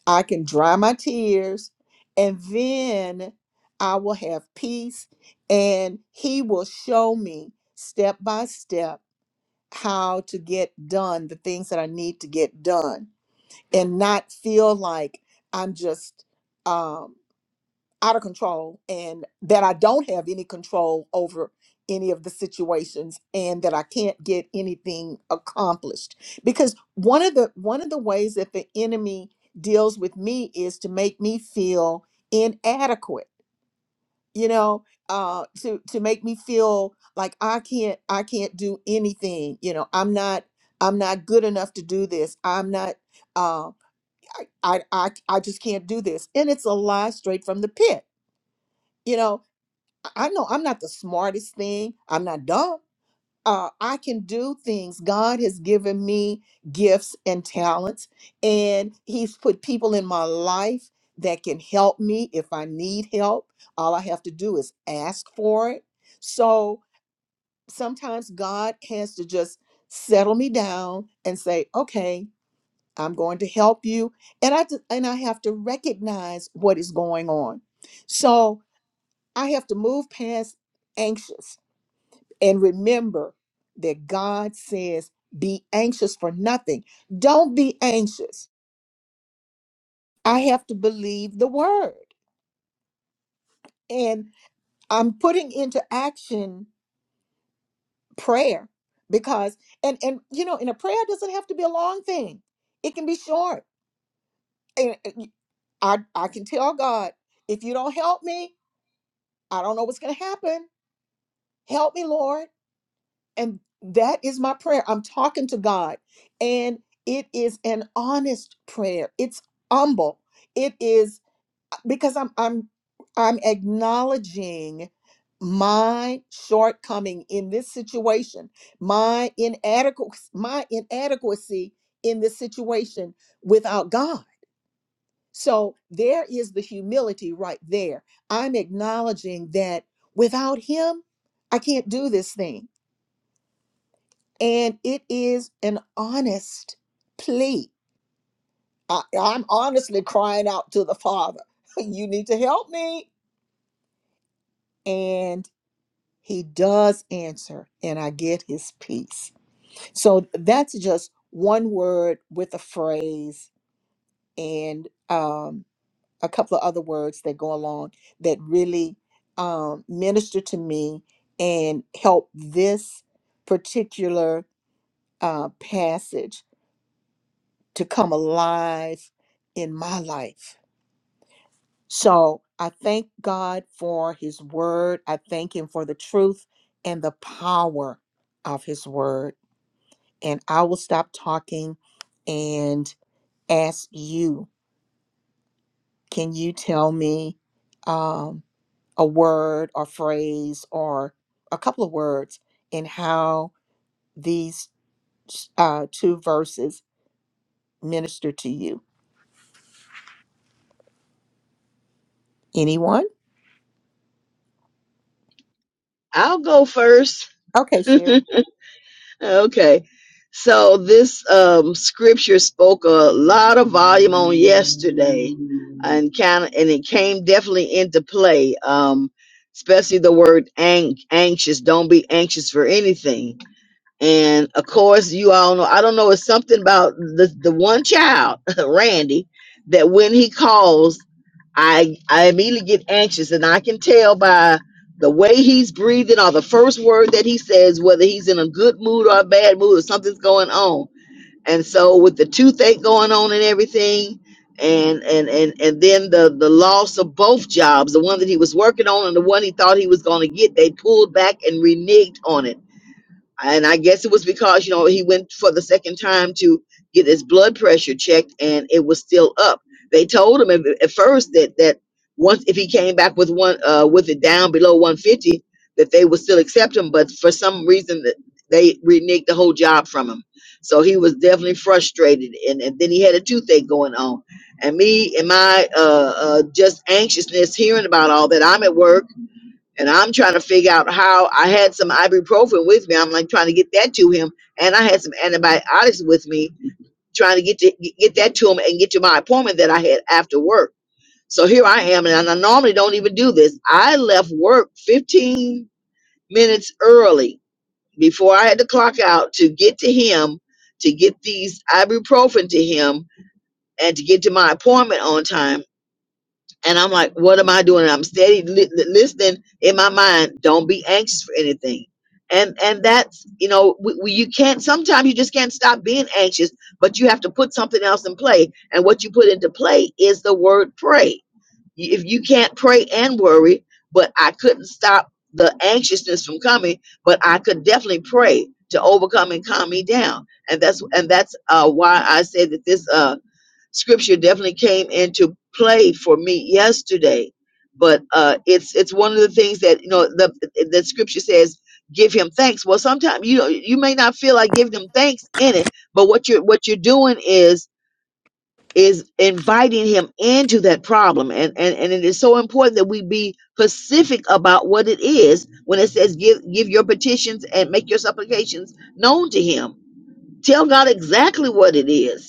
Speaker 1: I can dry my tears, and then I will have peace, and He will show me step by step how to get done the things that I need to get done and not feel like I'm just. um, out of control and that I don't have any control over any of the situations and that I can't get anything accomplished because one of the one of the ways that the enemy deals with me is to make me feel inadequate you know uh to to make me feel like I can't I can't do anything you know I'm not I'm not good enough to do this I'm not uh I I I, I just can't do this and it's a lie straight from the pit you know I know I'm not the smartest thing. I'm not dumb. Uh, I can do things. God has given me gifts and talents, and He's put people in my life that can help me if I need help. All I have to do is ask for it. So sometimes God has to just settle me down and say, "Okay, I'm going to help you," and I just, and I have to recognize what is going on. So I have to move past anxious and remember that God says, be anxious for nothing. Don't be anxious. I have to believe the word. And I'm putting into action prayer because and and you know, and a prayer doesn't have to be a long thing. It can be short. And and I I can tell God, if you don't help me, I don't know what's going to happen. Help me, Lord And that is my prayer. I'm talking to God, and it is an honest prayer. It's humble. It is uh, because I'm I'm I'm acknowledging my shortcoming in this situation, my inadequacy, my inadequacy in this situation without God. So there is the humility right there. I'm acknowledging that without him, I can't do this thing and it is an honest plea. I, I'm honestly crying out to the Father, you need to help me. And he does answer, and I get his peace. So that's just one word with a phrase and um, a couple of other words that go along that really um, minister to me and help this particular uh, passage to come alive in my life. So I thank God for his word. I thank him for the truth and the power of his word. And I will stop talking and ask you can you tell me um, a word or phrase or a couple of words in how these uh, two verses minister to you? Anyone?
Speaker 5: I'll go first.
Speaker 1: Okay, Sherry.
Speaker 5: okay. So this um, scripture spoke a lot of volume on yesterday, and kind of, and it came definitely into play. Um, especially the word ang- anxious. Don't be anxious for anything. And of course, you all know, I don't know, it's something about the, the one child, Randy, that when he calls, I, I immediately get anxious and I can tell by the way he's breathing or the first word that he says, whether he's in a good mood or a bad mood or something's going on. And so with the toothache going on and everything, and and and and then the the loss of both jobs, the one that he was working on and the one he thought he was going to get, they pulled back and reneged on it and I guess it was because you know he went f- to get his blood pressure checked, and it was still up. They told him at, at first that that once if he came back with one uh, with it down below 150, that they would still accept him. But for some reason, that they reneged from him. So he was definitely frustrated, and, and then he had a toothache going on. And me and my uh, uh, just anxiousness hearing about all that. I'm at work and I'm trying to figure out how I had some ibuprofen with me. I'm like trying to get that to him. And I had some antibiotics with me, trying to get to get that to him and get to my appointment that I had after work. So here I am, and I normally don't even do this. I left work 15 minutes early before I had to clock out to get to him, to get these ibuprofen to him, and to get to my appointment on time and I'm like, what am I doing? And I'm steady li- li- listening in my mind. Don't be anxious for anything. And and that's you know we, we, you can't. Sometimes you just can't stop being anxious, but you have to put something else in play. And what you put into play is the word pray. Y- If you can't pray and worry, but I couldn't stop the anxiousness from coming, but I could definitely pray to overcome and calm me down. And that's and that's uh, why I said that this. Uh, scripture definitely came into play for me yesterday but uh it's it's one of the things that you know the the scripture says give him thanks well sometimes you know you may not feel like giving him thanks in it but what you're what you're doing is is inviting him into that problem and and and it is so important that we be specific about what it is when it says give give your petitions and make your supplications known to him tell god exactly what it is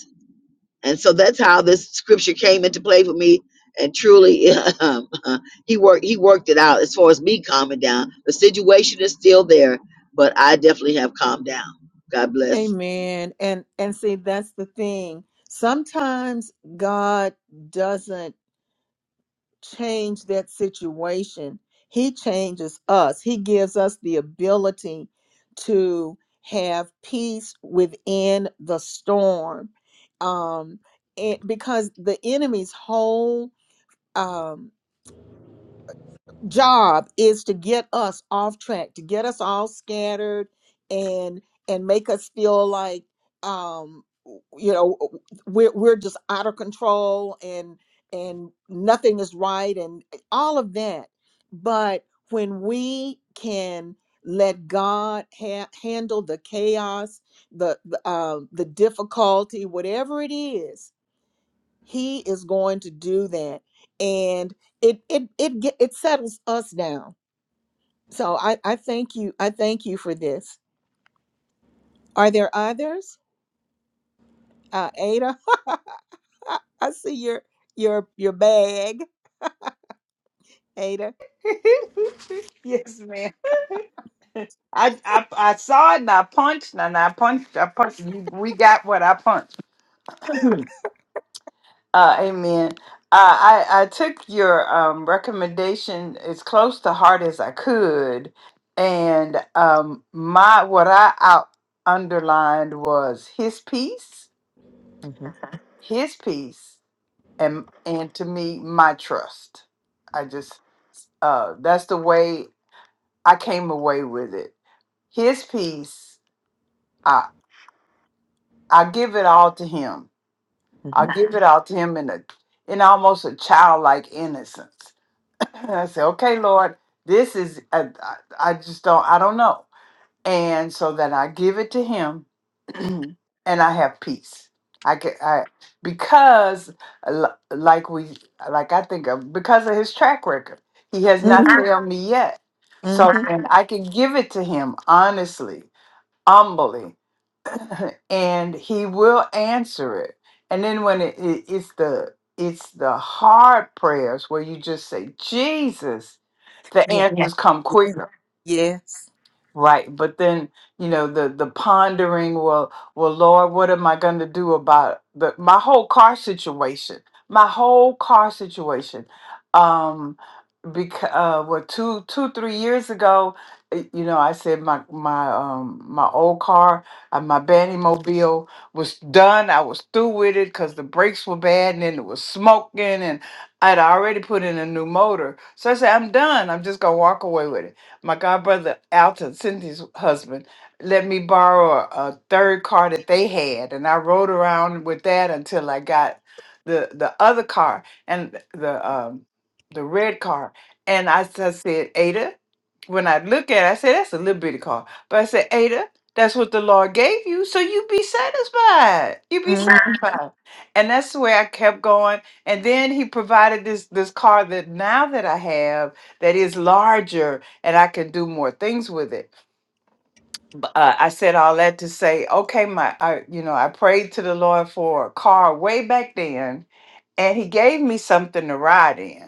Speaker 5: and so that's how this scripture came into play for me. And truly, um, uh, he worked he worked it out as far as me calming down. The situation is still there, but I definitely have calmed down. God bless.
Speaker 1: Amen. And and see that's the thing. Sometimes God doesn't change that situation. He changes us. He gives us the ability to have peace within the storm. Um and because the enemy's whole um job is to get us off track to get us all scattered and and make us feel like um you know we're we're just out of control and and nothing is right and eh, all of that but when we can let God ha- handle the chaos the the, uh, the difficulty whatever it is he is going to do that, and it it it ge- it settles us down. So I I thank you I thank you for this. Are there others? Uh, Ada, I see your your your bag, Ada.
Speaker 8: yes, ma'am. I, I I saw it and I punched and I punched I punched we we got what I punched. Uh, amen. Uh, I I took your um, recommendation as close to heart as I could, and um, my what I out underlined was his peace,
Speaker 1: Mm-hmm.
Speaker 8: his peace, and and to me my trust. I just uh, that's the way I came away with it. His peace, I I give it all to him. I
Speaker 1: Mm-hmm.
Speaker 8: give it all to him in a in almost a childlike innocence And I said, okay, Lord, this is, I, I, I just don't, I don't know. And so then I give it to him and I have peace. I can, I, because l- like we, like I think of, because of his track record, he has not
Speaker 1: Mm-hmm.
Speaker 8: Uh-huh. failed me yet. So
Speaker 1: Mm-hmm.
Speaker 8: then I can give it to him honestly, humbly, and he will answer it. And then when it, it it's the, it's the hard prayers where you just say, Jesus, the Yeah.
Speaker 1: Yeah.
Speaker 8: answers Yes. come
Speaker 1: Yes.
Speaker 8: quicker
Speaker 1: Yes.
Speaker 8: right but then you know the the pondering well well lord what am i going to do about the my whole car situation my whole car situation um because uh what two two three years ago eh, you know i said my my um my old car uh, my bandy mobile was done i was through with it because the brakes were bad and then it was smoking and i'd already put in a new motor so i said i'm done i'm just gonna walk away with it my godbrother alton cynthia's husband let me borrow a, a third car that they had and i rode around with that until i got the the other car and the um the red car and I, s- I said, Ada, when I look at it, I said, that's a little bitty car. But I said, Ada, that's what the Lord gave you. So you be satisfied. You be
Speaker 1: Mm-hmm.
Speaker 8: satisfied. And that's the way I kept going. And then he provided this this car that now that I have that is larger and I can do more things with it. Uh, I said all that to say, okay, my, I, you know, I prayed to the Lord for a car way back then and he gave me something to ride in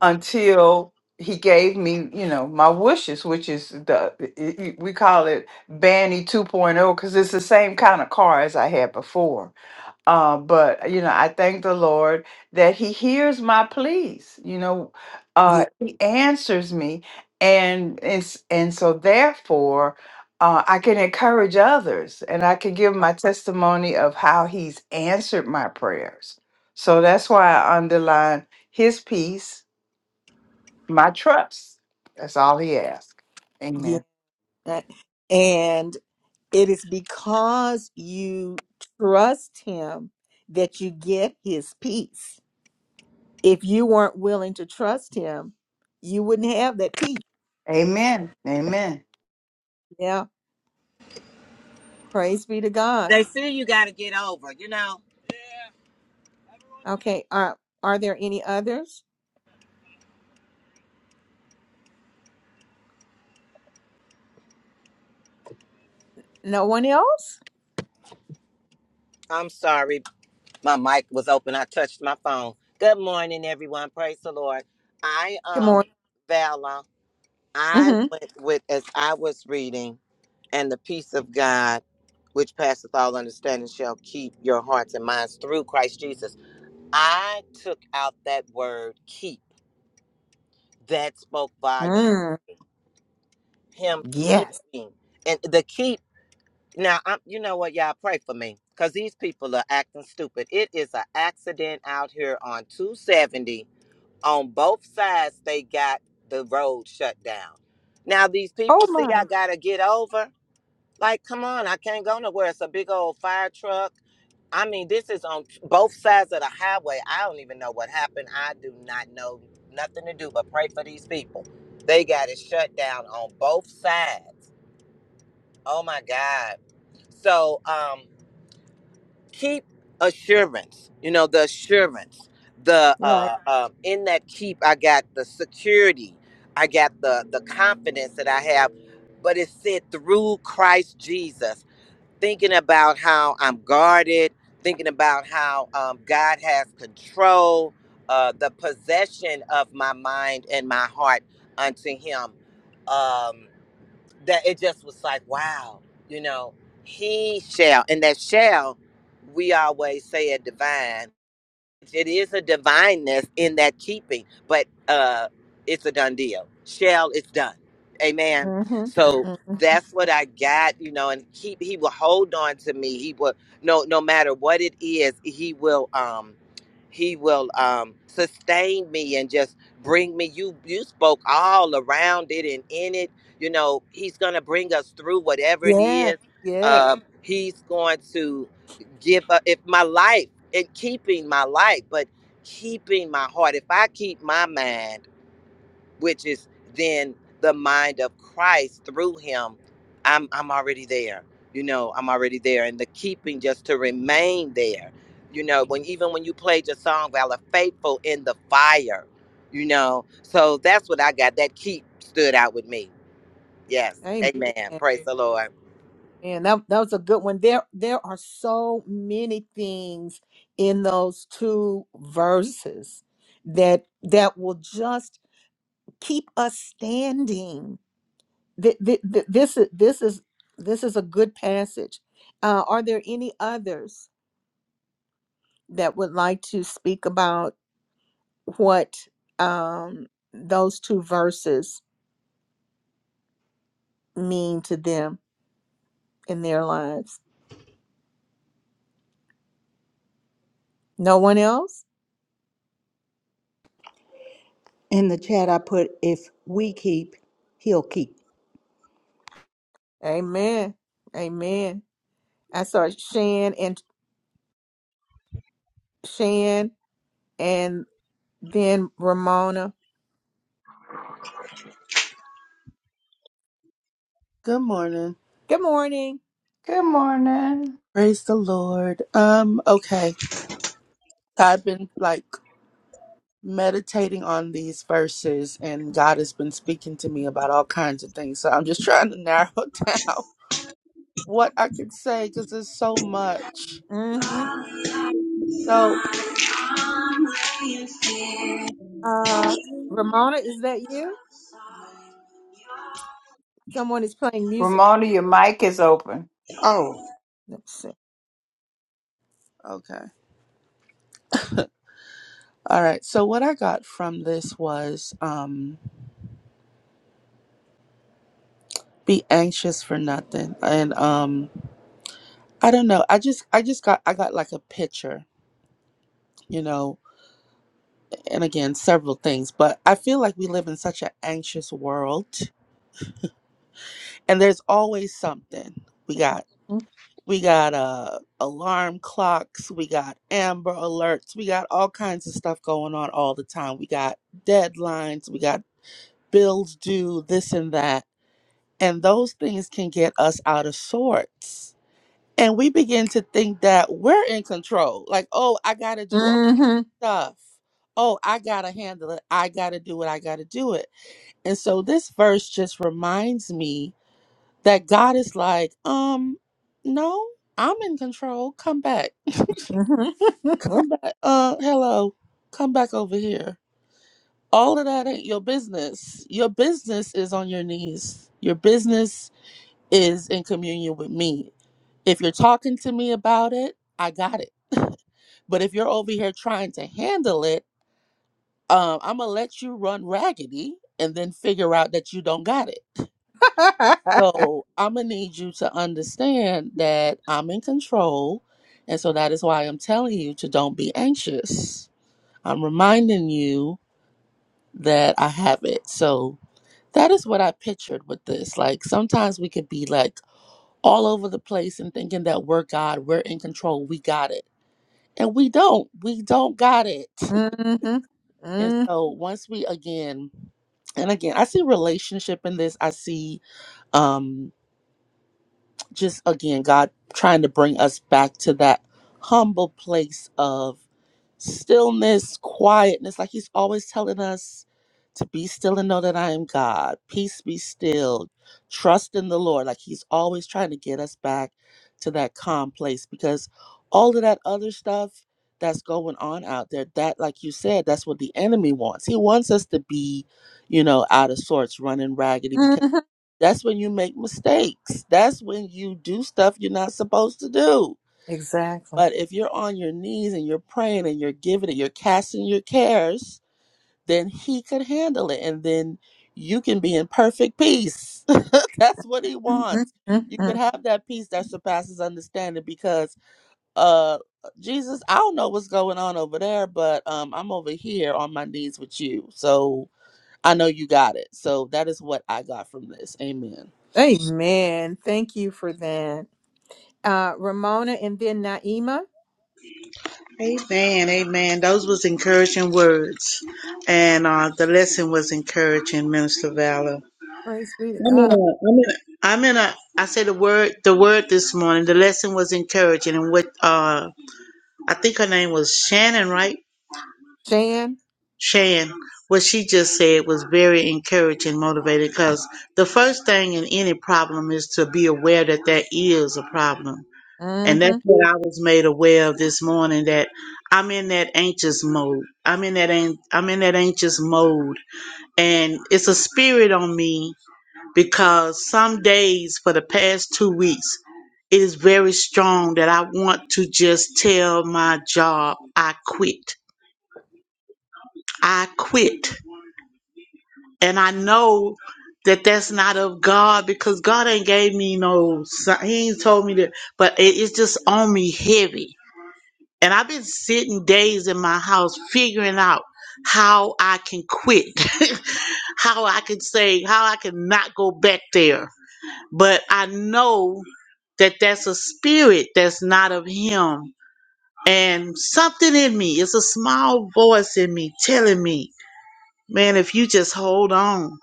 Speaker 8: until he gave me, you know, my wishes, which is the it- it- we call it Banny 2.0 because it's the same kind of car as I had before. Uh, but you know, I thank the Lord that He hears my pleas. You know,
Speaker 1: Yeah.
Speaker 8: uh, He answers me, and it's and so therefore. Uh, I can encourage others and I can give my testimony of how he's answered my prayers. So that's why I underline his peace my trust. That's all he asked.
Speaker 1: Yeah.
Speaker 8: Amen.
Speaker 1: That- And It is because you trust him that you get his peace. If you weren't willing to trust him, you wouldn't have that peace.
Speaker 8: Amen. Amen.
Speaker 1: Yeah. Praise be to God.
Speaker 2: they see you got to get over. You know,
Speaker 1: Okay. Are are there any others? No one else?
Speaker 2: I'm sorry, my mic was open. I touched my phone. Good morning, everyone. Praise the Lord. I
Speaker 1: Good
Speaker 2: um,
Speaker 1: morning.
Speaker 2: Bella, I
Speaker 1: Mm-hmm.
Speaker 2: went with as I was reading, and the peace of God, which passeth all understanding, shall keep your hearts and minds through Christ Jesus. I took out that word keep. that spoke volumes.
Speaker 1: Mm,
Speaker 2: Him
Speaker 1: yes.
Speaker 2: keeping and the keep. Now, I'm, you know what, y'all pray for me because these people are acting stupid. It is an accident out here on 270. On both sides, they got the road shut down. Now, these
Speaker 1: Oh
Speaker 2: people see I
Speaker 1: my.
Speaker 2: got to get over. Like, come on, I can't go nowhere. It's a big old fire truck. I mean, this is on t- both sides of the highway. I don't even know what happened. I do not know nothing to do but pray for these people. They got it shut down on both sides. Oh my God. So um, keep assurance, you know, the assurance, the
Speaker 1: You're right.
Speaker 2: uh, uh, in that keep, I got the security, I got the, the confidence that I have, but it's said through Christ Jesus thinking about how I'm guarded, thinking about how um, God has control, uh, the possession of my mind and my heart unto Him. Um, that it just was like, wow, you know, He shall, and that shall, we always say it divine it is a divineness in that keeping, but uh it's a done deal. Shall it's done. Amen.
Speaker 1: Mm-hmm.
Speaker 2: So
Speaker 1: hmm
Speaker 2: that's what I got, you know, and he he will hold on to me. He will no no matter what it is, he will um he will um sustain me and just bring me you you spoke all around it and in it. You know, he's gonna bring us through whatever it
Speaker 1: Yes.
Speaker 2: is.
Speaker 1: Yes.
Speaker 2: Um he's going to give up if my life in keeping my life, but keeping my heart. If I keep my mind, which is then the mind of Christ through him, I'm I'm already there. You know, I'm already there. And the keeping just to remain there. You know, when even when you played your song, Valor Faithful in the fire, you know. So that's what I got. That keep stood out with me. Yes.
Speaker 1: Amen.
Speaker 2: Amen. Praise the Lord.
Speaker 1: Man, that, that was a good one. There there are so many things in those two verses that that will just keep us standing. Th- th- th- This is this is this is a good passage. Uh, are there any others that would like to speak about what um, those two verses mean to them? in their lives. No one else?
Speaker 7: In the chat, I put, if we keep, He'll keep.
Speaker 1: Amen. Amen. I saw Shan and Shan and then Ramona.
Speaker 12: Good morning.
Speaker 1: Good morning.
Speaker 8: Good morning.
Speaker 12: Praise the Lord. Um, okay. I've been like meditating on these verses and God has been speaking to me about all kinds of things. So I'm just trying to narrow down what I can say because there's so much.
Speaker 1: Mm-hmm.
Speaker 12: So,
Speaker 1: Uh, Ramona, is that you? Someone is playing music.
Speaker 8: Ramona, your mic is open.
Speaker 11: oh
Speaker 1: Let's see.
Speaker 12: okay. All right. So what I got from this was um be anxious for nothing. And um I don't know. I just I just got I got like a picture, you know. and again several things but i feel like we live in such an anxious world and there's always something we got we got uh alarm clocks we got amber alerts we got all kinds of stuff going on all the time we got deadlines we got bills due this and that and those things can get us out of sorts and we begin to think that we're in control like oh i gotta do all
Speaker 1: Mm-hmm.
Speaker 12: stuff oh i gotta handle it i gotta do it. i gotta do it And so this verse just reminds me that God is like, um, no, I'm in control. Come back. Come
Speaker 1: Mm-hmm.
Speaker 12: back. Uh, hello. Come back over here. All of that ain't your business. Your business is on your knees. Your business is in communion with me. If you're talking to me about it, I got it. but if you're over here trying to handle it, um, I'm gonna let you run raggedy and then figure out that you don't got it. So I'm gonna need you to understand that I'm in control, and so that is why I'm telling you to don't be anxious. I'm reminding you that I have it. So that is what I pictured with this. Like sometimes we could be like all over the place and thinking that we're God, we're in control, we got it. And we don't. We don't got it.
Speaker 1: Mm-hmm.
Speaker 12: And
Speaker 1: Mm-hmm.
Speaker 12: so once we again and again, I see relationship in this. I see um. just again, God trying to bring us back to that humble place of stillness, quietness. Like He's always telling us to be still and know that I am God. Peace be still. Trust in the Lord. Like He's always trying to get us back to that calm place because all of that other stuff that's going on out there, that, like you said, that's what the enemy wants. He wants us to be, you know, out of sorts, running raggedy that's when you make mistakes. That's when you do stuff you're not supposed to do.
Speaker 1: Exactly.
Speaker 12: But if you're on your knees and you're praying and you're giving and you're casting your cares, then He could handle it. And then you can be in perfect peace. That's what He
Speaker 1: Mm-hmm.
Speaker 12: wants. You could have that peace that surpasses understanding because, uh, Jesus, I don't know what's going on over there, but um, I'm over here on my knees with you. So I know you got it. So that is what I got from this. Amen.
Speaker 1: Amen. Thank you for that. Uh, Ramona and then Naima.
Speaker 11: amen amen those was encouraging words and uh, the lesson was encouraging minister valor
Speaker 1: Praise be to
Speaker 11: I'm in
Speaker 1: God.
Speaker 11: a, I'm in a, I'm in a, I said the word, the word this morning, the lesson was encouraging and what, uh, I think her name was Shannon, right?
Speaker 1: Shan.
Speaker 11: Shan, what she just said was very encouraging, motivated, because the first thing in any problem is to be aware that there is a problem. And
Speaker 1: Mm-hmm.
Speaker 11: that's what I was made aware of this morning, that I'm in that anxious mode. I'm in that, an- I'm in that anxious mode and it's a spirit on me because some days for the past two weeks, it is very strong that I want to just tell my job, I quit. I quit. And I know that that's not of God because God ain't gave me no, si- He ain't told me that, but it, it's just on me heavy. And I've been sitting days in my house figuring out how I can quit, how I can say, how I can not go back there but I know that that's a spirit that's not of him. And something in me, it's a small voice in me telling me, man, if you just hold on,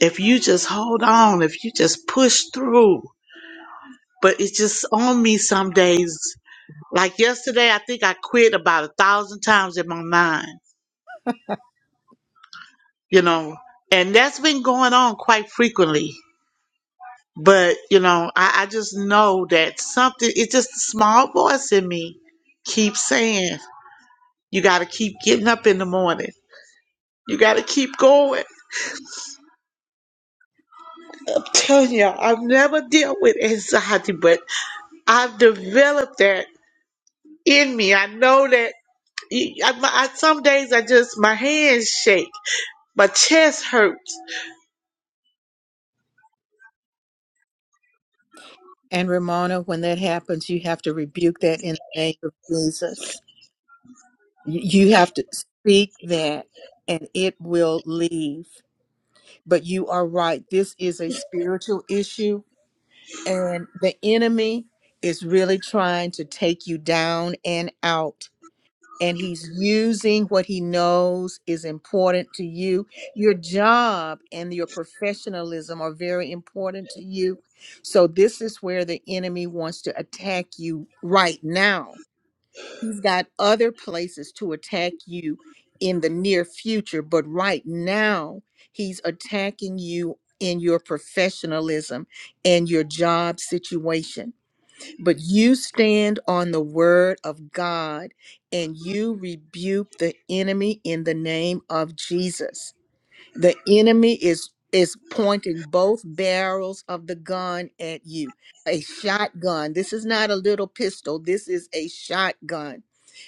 Speaker 11: if you just hold on, if you just push through. But it's just on me some days. Like yesterday, I think I quit about a thousand times in my mind, you know, and that's been going on quite frequently. But, you know, I, I just know that something, it's just a small voice in me keeps saying, you got to keep getting up in the morning. You got to keep going. I'm telling you, I've never dealt with anxiety, but I've developed that in me. I know that I, I, some days I just, my hands shake, my chest hurts.
Speaker 1: And Ramona, when that happens, you have to rebuke that in the name of Jesus. Y- You have to speak that and it will leave. But you are right. This is a spiritual issue, and the enemy is really trying to take you down and out and he's using what he knows is important to you. Your job and your professionalism are very important to you. So, this is where the enemy wants to attack you right now. He's got other places to attack you in the near future, but right now, he's attacking you in your professionalism and your job situation but you stand on the word of God and you rebuke the enemy in the name of Jesus. The enemy is is pointing both barrels of the gun at you. A shotgun. This is not a little pistol. This is a shotgun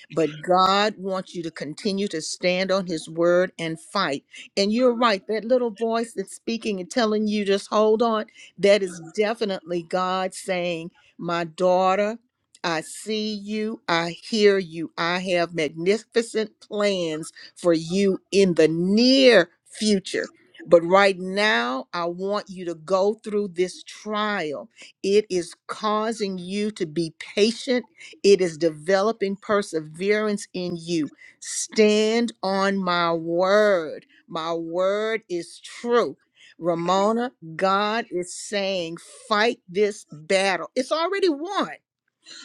Speaker 1: but God wants you to continue to stand on his word and fight. And you're right, that little voice that's speaking and telling you just hold on, that is definitely God saying, My daughter, I see you, I hear you, I have magnificent plans for you in the near future. But right now, I want you to go through this trial. It is causing you to be patient it is developing perseverance in you. Stand on my word. My word is true. Ramona, God is saying, fight this battle. It's already won.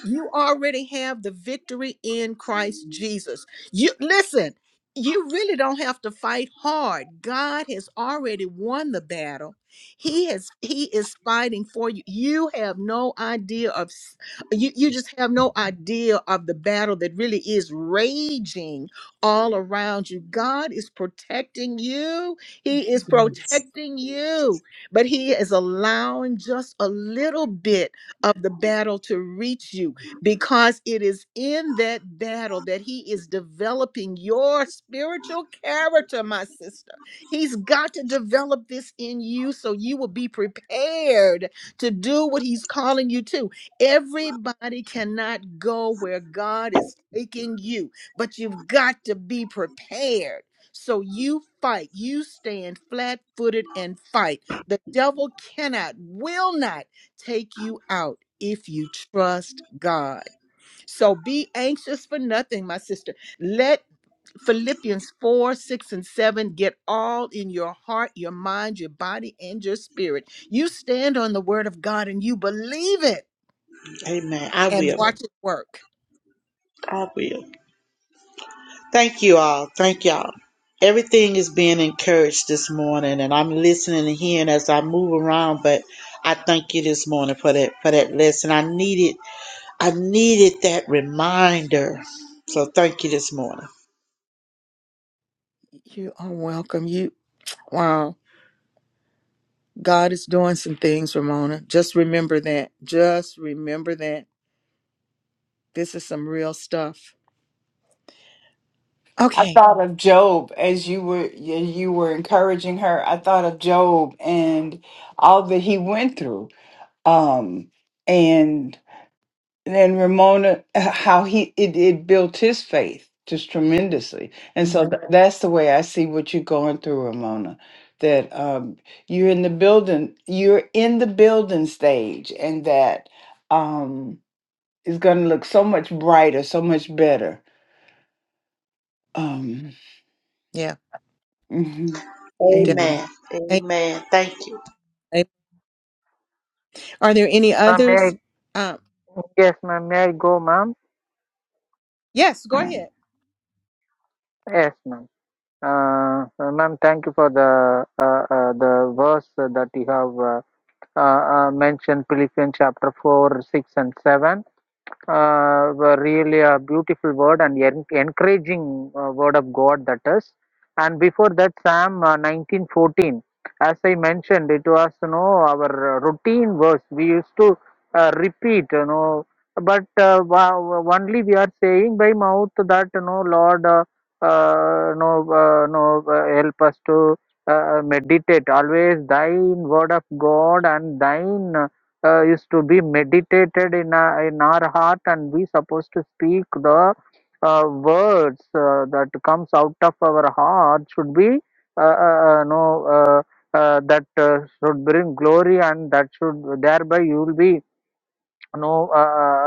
Speaker 1: You already have the victory in Christ Jesus. You listen, you really don't have to fight hard. God has already won the battle. He has he is fighting for you. You have no idea of s- you, you just have no idea of the battle that really is raging all around you. God is protecting you. He is protecting you, but he is allowing just a little bit of the battle to reach you because it is in that battle that he is developing your spiritual character, my sister. He's got to develop this in you so you will be prepared to do what he's calling you to. Everybody cannot go where God is taking you, but you've got to be prepared. So you fight, you stand flat footed and fight. The devil cannot, will not take you out if you trust God. So be anxious for nothing, my sister. Let Philippians 4, 6, and 7 get all in your heart, your mind, your body, and your spirit. You stand on the word of God and you believe it
Speaker 11: Amen. I
Speaker 1: and
Speaker 11: will.
Speaker 1: watch it work.
Speaker 11: I will. Thank you all. Thank y'all. Everything is being encouraged this morning, and I'm listening and hearing as I move around. But I thank you this morning for that for that lesson. I needed I needed that reminder. So thank you this morning.
Speaker 1: You are welcome. You, wow. God is doing some things, Ramona. Just remember that. Just remember that. This is some real stuff.
Speaker 8: I
Speaker 1: Okay.
Speaker 8: thought of Job as you were you you were encouraging her. I thought of Job and all that he went through. Um and and Ramona, how he it, it built his faith just tremendously. And so
Speaker 1: Mhm.
Speaker 8: th- that's the way I see what you're going through, Ramona. That um, you're in the building, you're in the building stage, and that um, it's going to look so much brighter, so much better. Um,
Speaker 1: Yeah.
Speaker 8: mhm.
Speaker 1: It
Speaker 8: Amen.
Speaker 11: Amen. Amen. Thank you.
Speaker 1: does. Are there any
Speaker 10: Ma'am, may
Speaker 1: others?
Speaker 10: I,
Speaker 1: Um,
Speaker 10: yes, ma'am, may I go, ma'am?
Speaker 1: yes, go ahead.
Speaker 10: Yes, ma'am. Uh, uh, ma'am, thank you for the uh, uh, the verse that you have uh, uh, uh, mentioned, Philippians chapter 4, 6, and 7 uh, were really a beautiful word and en- encouraging uh, word of God that is. And before that, Psalm uh, 1914, as I mentioned, it was you know our uh, routine verse. We used to uh, repeat, you know, but uh, wa- only we are saying by mouth that you know, Lord, uh, uh, no, uh, no, uh, help us to uh, meditate always Thine word of God and Thine. uh, uh, is to be meditated in, a, in our heart and we supposed to speak the uh, words uh, that comes out of our heart should be uh, uh, uh, no uh, uh, that uh, should bring glory and that should thereby you will be no uh,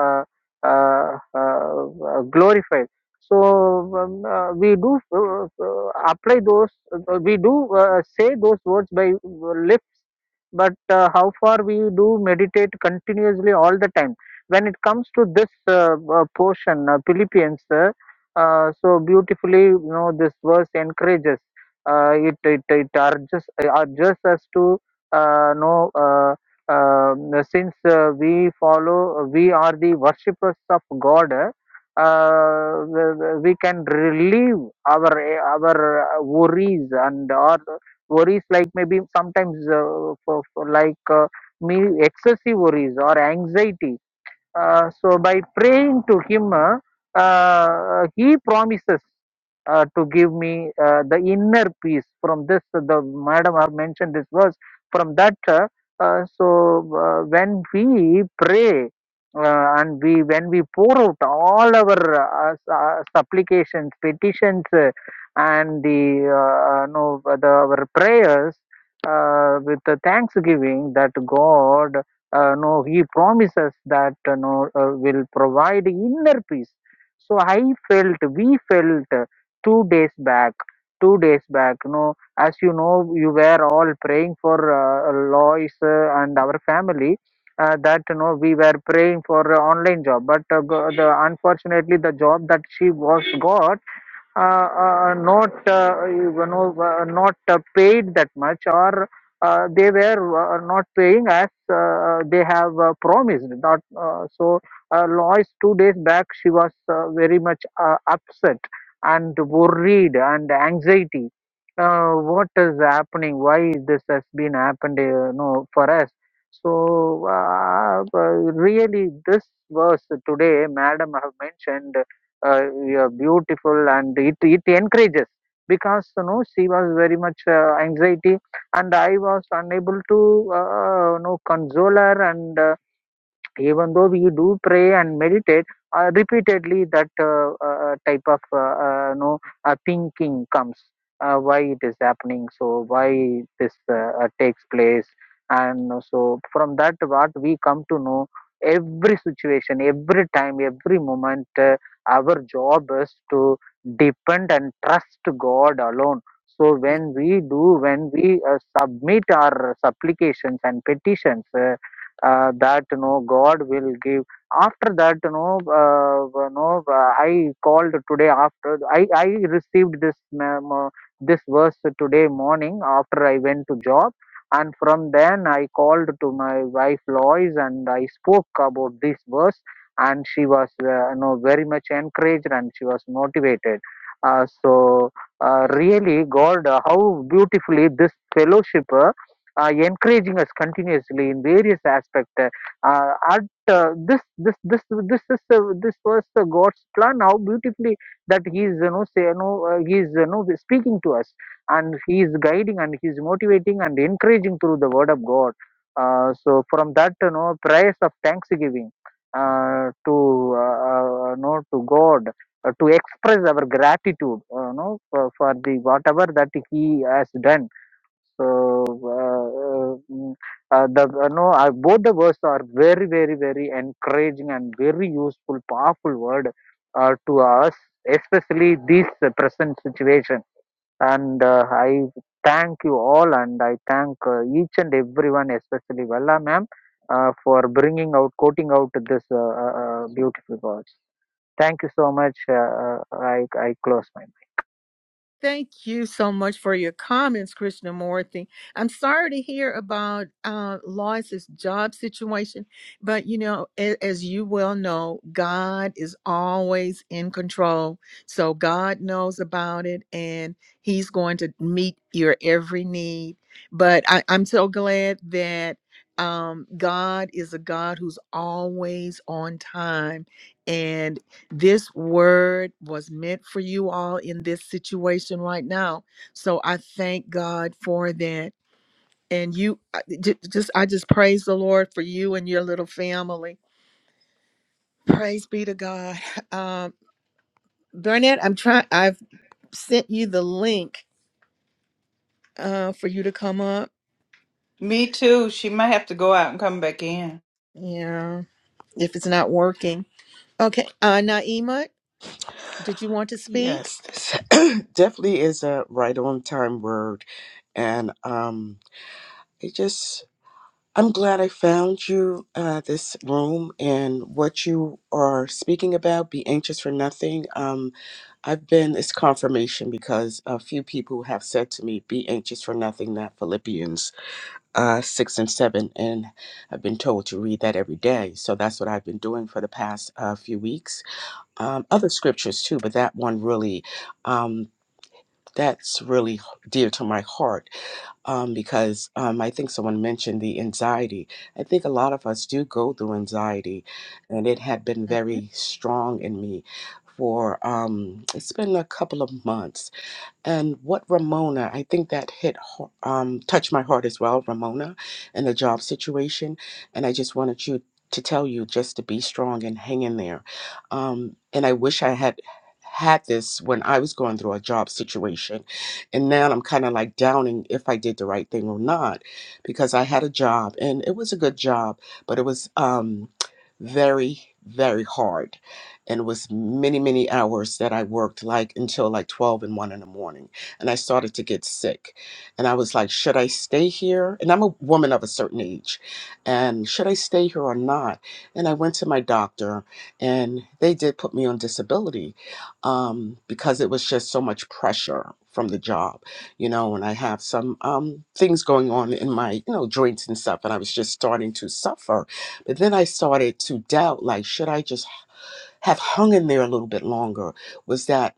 Speaker 10: uh, uh, uh, uh, glorified so um, uh, we do uh, uh, apply those uh, we do uh, say those words by uh, lips but uh, how far we do meditate continuously all the time when it comes to this uh, uh, portion uh, philippians uh, uh, so beautifully you know this verse encourages uh, it, it it urges urges us to uh, know uh, um, since uh, we follow we are the worshippers of god uh, we can relieve our our worries and our worries like maybe sometimes uh, for, for like uh, me excessive worries or anxiety uh, so by praying to him, uh, uh, he promises uh, to give me uh, the inner peace. From this, the madam have mentioned this verse. From that, uh, uh, so uh, when we pray uh, and we when we pour out all our uh, uh, supplications, petitions, uh, and the uh, uh, no the our prayers uh, with the thanksgiving that God uh, no he promises that uh, no uh, will provide inner peace so i felt we felt uh, two days back two days back no as you know you were all praying for uh, lois uh, and our family uh, that no, we were praying for uh, online job but uh, go- the, unfortunately the job that she was got uh, uh, not uh, you know uh, not uh, paid that much or uh, they were uh, not paying as uh, uh, they have uh, promised not uh, so uh, lois two days back she was uh, very much uh, upset and worried and anxiety uh, what is happening why this has been happened uh, you for us so uh, uh, really this verse today madam have mentioned uh, yeah, beautiful and it, it encourages because you know she was very much uh, anxiety and i was unable to uh, you know console her and uh, even though we do pray and meditate uh, repeatedly that uh, uh, type of uh, uh, no uh, thinking comes uh, why it is happening so why this uh, uh, takes place and so from that what we come to know every situation every time every moment uh, our job is to depend and trust god alone so
Speaker 1: Yeah,
Speaker 10: when we do when we uh, submit our supplications and petitions uh, uh, that you know god will give after that you know uh, you know uh, i called today after i i received this mem- uh, this verse today morning after i went to job and from then i called to my wife lois and i spoke about this verse and she was uh, you know very much encouraged and she was motivated uh, so uh,
Speaker 1: great.
Speaker 10: really god uh, how beautifully this fellowship Uh, uh, encouraging us continuously in various aspects. Uh, at uh, this, this, this, this is uh, this was the God's plan. How beautifully that He is, you know, say, you know, uh, He is, you know, speaking to us, and He is guiding, and He is motivating, and encouraging through the Word of God. Uh, so from that, you know, prayers of thanksgiving uh, to, uh, uh, you know, to God. uh, To express our gratitude, uh, you know, for, for the whatever that He has done, so uh, uh, mm, uh, the uh, no, uh, both the words are very, very, very encouraging and very useful, powerful word uh, to us, especially this uh, present situation. And uh, I thank you all, and I thank uh, each and everyone, especially Vella ma'am, uh, for bringing out, quoting out this uh, uh, uh, beautiful words. Thank you so much. Uh, uh, I I close my.
Speaker 1: Thank you so much for your comments, Krishnamurti. I'm sorry to hear about uh, Lois's job situation, but you know, as, as you well know, God is always in control. So God knows about it and He's going to meet your every need. But I, I'm so glad that um, God is a God who's always on time and this word was meant for you all in this situation right now. So I thank God for that. And you I- j- just, I just praise the Lord for you and your little family. Praise be to God. Um, Burnett, I'm trying, I've sent you the link uh, for you to come up.
Speaker 8: Me too. She might have to go out and come back in.
Speaker 1: Yeah, if it's not working. Okay. Uh, Naima, did you want to speak?
Speaker 13: Yes, this definitely is a right on time word. And um it just I'm glad I found you uh this room and what you are speaking about, be anxious for nothing. Um I've been it's confirmation because a few people have said to me, be anxious for nothing, that Philippians uh six and seven, and I've been told to read that every day. So that's what I've been doing for the past uh, few weeks. Um other scriptures too, but that one really um that's really h- dear to my heart um, because um, I think someone mentioned the anxiety. I think a lot of us do go through anxiety, and it had been very strong in me for um, it's been a couple of months and what Ramona, I think that hit, ho- um, touched my heart as well, Ramona, and the job situation. And I just wanted you to tell you just to be strong and hang in there. Um, and I wish I had had this when I was going through a job situation. And now I'm kind of like doubting if I did the right thing or not, because I had a job and it was a good job, but it was um, very, very hard and it was many many hours that i worked like until like 12 and 1 in the morning and i started to get sick and i was like should i stay here and i'm a woman of a certain age and should i stay here or not and i went to my doctor and they did put me on disability um, because it was just so much pressure from the job you know and i have some um, things going on in my you know joints and stuff and i was just starting to suffer but then i started to doubt like should i just have hung in there a little bit longer was that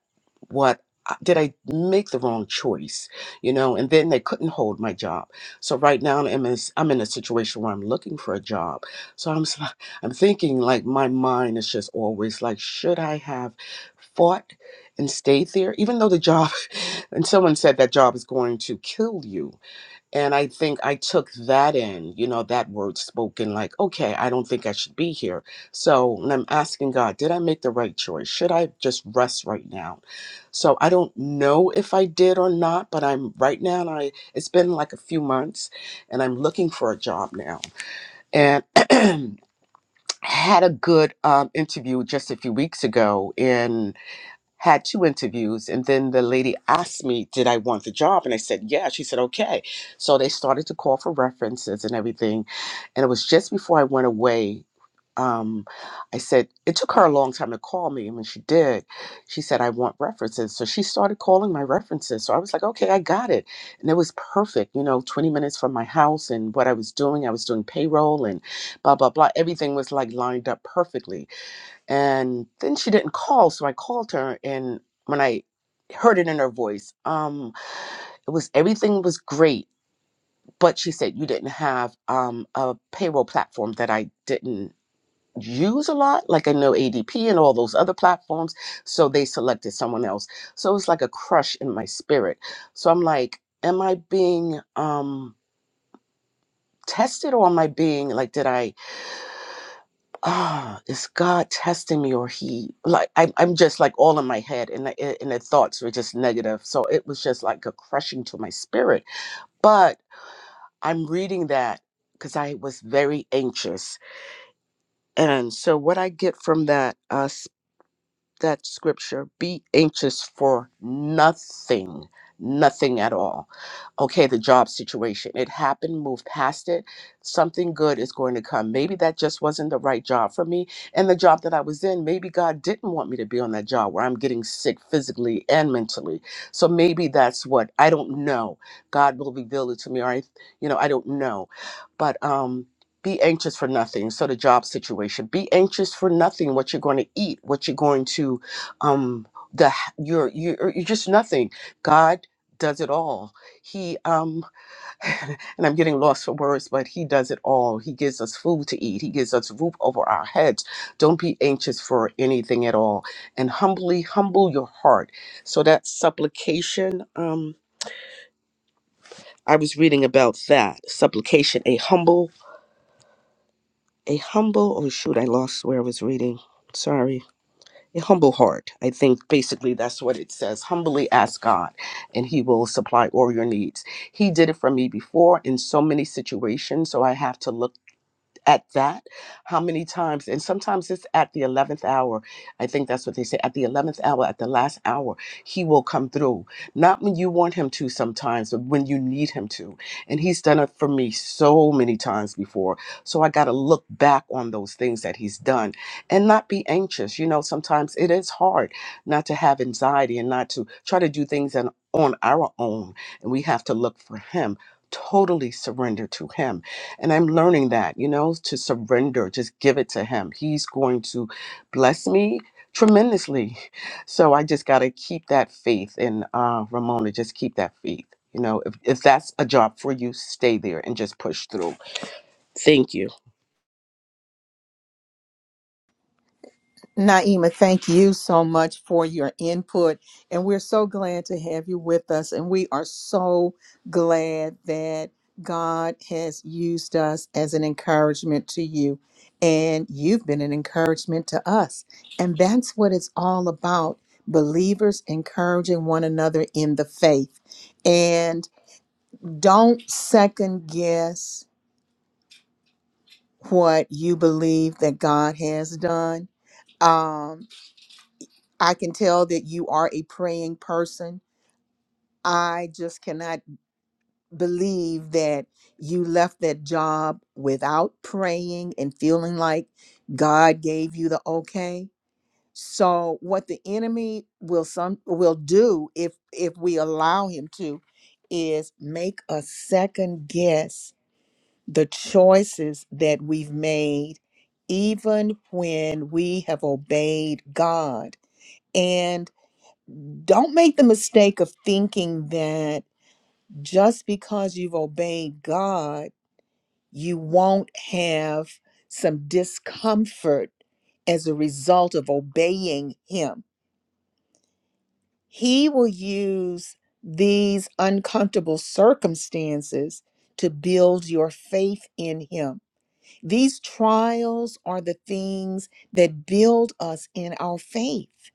Speaker 13: what uh, did I make the wrong choice? You know, and then they couldn't hold my job. So right now I'm in, I'm in a situation where I'm looking for a job. So I'm s- I'm thinking like my mind is just always like, should I have fought and stayed there, even though the job and someone said that job is going to kill you and I think I took that in, you know, that word spoken, like, okay, I don't think I should be here. So and I'm asking God, did I make the right choice? Should I just rest right now? So I don't know if I did or not, but I'm right now, and I it's been like a few months, and I'm looking for a job now. And had a good um, interview just a few weeks ago, had two interviews and then the lady asked me did i want the job and i said yeah she said okay so they started to call for references and everything and it was just before i went away um, i said it took her a long time to call me and when she did she said i want references so she started calling my references so i was like okay i got it and it was perfect you know 20 minutes from my house and what i was doing i was doing payroll and blah blah blah everything was like lined up perfectly and then she didn't call, so I called her and when I heard it in her voice, um, it was everything was great, but she said you didn't have um a payroll platform that I didn't use a lot, like I know ADP and all those other platforms, so they selected someone else. So it was like a crush in my spirit. So I'm like, am I being um tested or am I being like did I ah, is God testing me or he like I, I'm just like all in my head and the, and the thoughts were just negative. So it was just like a crushing to my spirit. But I'm reading that because I was very anxious. And so what I get from that uh, that scripture be anxious for nothing nothing at all okay the job situation it happened move past it something good is going to come maybe that just wasn't the right job for me and the job that i was in maybe god didn't want me to be on that job where i'm getting sick physically and mentally so maybe that's what i don't know god will reveal it to me or i you know i don't know but um be anxious for nothing. So the job situation, be anxious for nothing. What you're going to eat, what you're going to, um, the you're you're, you're just nothing. God does it all. He um, and I'm getting lost for words, but He does it all. He gives us food to eat. He gives us roof over our heads. Don't be anxious for anything at all, and humbly humble your heart. So that supplication, um. I was reading about that supplication, a humble a humble oh shoot i lost where i was reading sorry a humble heart i think basically that's what it says humbly ask god and he will supply all your needs he did it for me before in so many situations so i have to look at that how many times and sometimes it's at the 11th hour i think that's what they say at the 11th hour at the last hour he will come through not when you want him to sometimes but when you need him to and he's done it for me so many times before so i got to look back on those things that he's done and not be anxious you know sometimes it is hard not to have anxiety and not to try to do things on on our own and we have to look for him totally surrender to him and I'm learning that, you know, to surrender, just give it to Him. He's going to bless me tremendously. So I just got to keep that faith. And uh, Ramona, just keep that faith. You know, if, if that's a job for you, stay there and just push through. Thank you.
Speaker 1: Naima, thank you so much for your input. And we're so glad to have you with us. And we are so glad that God has used us as an encouragement to you. And you've been an encouragement to us. And that's what it's all about believers encouraging one another in the faith. And don't second guess what you believe that God has done. Um, I can tell that you are a praying person. I just cannot believe that you left that job without praying and feeling like God gave you the okay. So what the enemy will some will do if if we allow him to is make a second guess the choices that we've made even when we have obeyed God. and. don't make the mistake of thinking that just because you've obeyed God, you won't have some discomfort as a result of obeying Him. He will use these uncomfortable circumstances to build your faith in Him. These trials are the things that build us in our faith.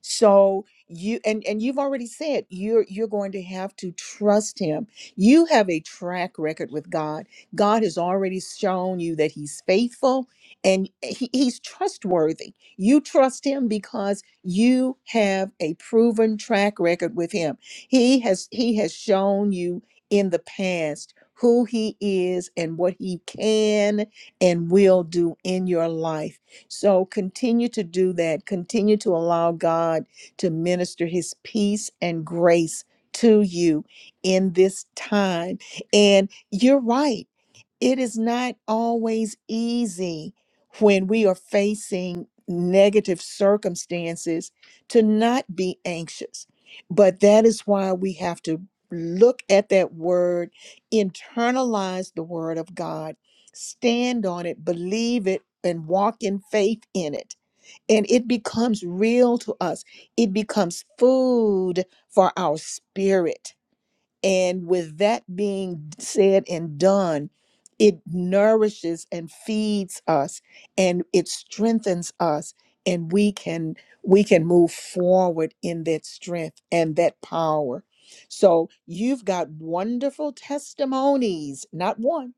Speaker 1: so you and and you've already said you're you're going to have to trust him you have a track record with god god has already shown you that he's faithful and he, he's trustworthy you trust him because you have a proven track record with him he has he has shown you in the past who he is and what he can and will do in your life so continue to do that. Continue to allow God to minister his peace and grace to you in this time. And you're right it is not always easy when we are facing negative circumstances to not be anxious. But that is why we have to look at that word, internalize the word of God, stand on it, believe it, and walk in faith in it. And it becomes real to us, it becomes food for our spirit and with that being said and done, it nourishes and feeds us and it strengthens us and we can we can move forward in that strength and that power. So you've got wonderful testimonies, not one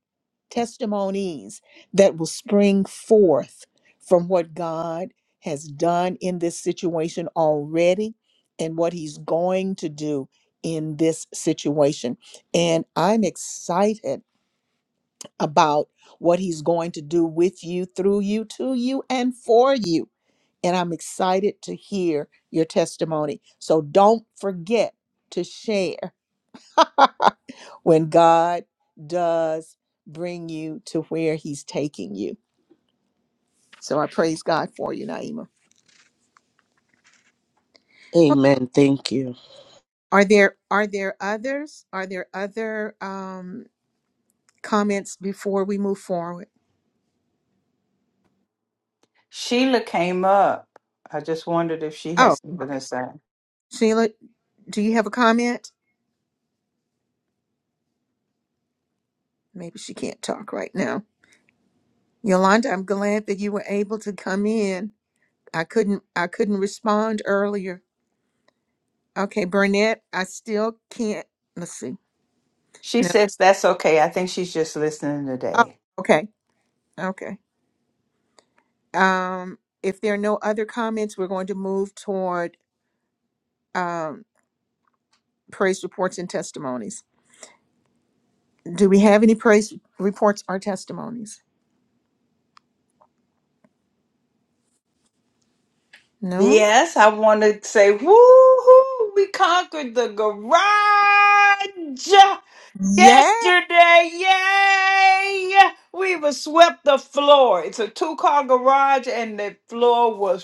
Speaker 1: testimonies that will spring forth from what God has done in this situation already and what He's going to do in this situation. And I'm excited about what He's going to do with you, through you, to you, and for you. And I'm excited to hear your testimony. So don't forget to share when God does bring you to where He's taking you. So I praise God for you, Naima.
Speaker 13: Amen. Thank you.
Speaker 1: Are there are there others? Are there other um, comments before we move forward?
Speaker 8: Sheila came up. I just wondered if she has
Speaker 1: Oh,
Speaker 8: something to
Speaker 1: okay.
Speaker 8: say.
Speaker 1: Sheila, do you have a comment? Maybe she can't talk right now. Yolanda, I'm glad that you were able to come in. I couldn't I couldn't respond earlier. Okay, Burnett, I still can't. Let's see.
Speaker 8: She
Speaker 1: No.
Speaker 8: says that's okay. I think she's just listening
Speaker 1: Oh,
Speaker 8: today.
Speaker 1: okay. Okay. Um, if there are no other comments, we're going to move toward um, praise reports and testimonies. Do we have any praise reports or testimonies? No?
Speaker 8: Yes, I want to say, woohoo, we conquered the garage
Speaker 1: Yeah.
Speaker 8: yesterday. Yay! We were swept the floor. It's a two car garage, and the floor was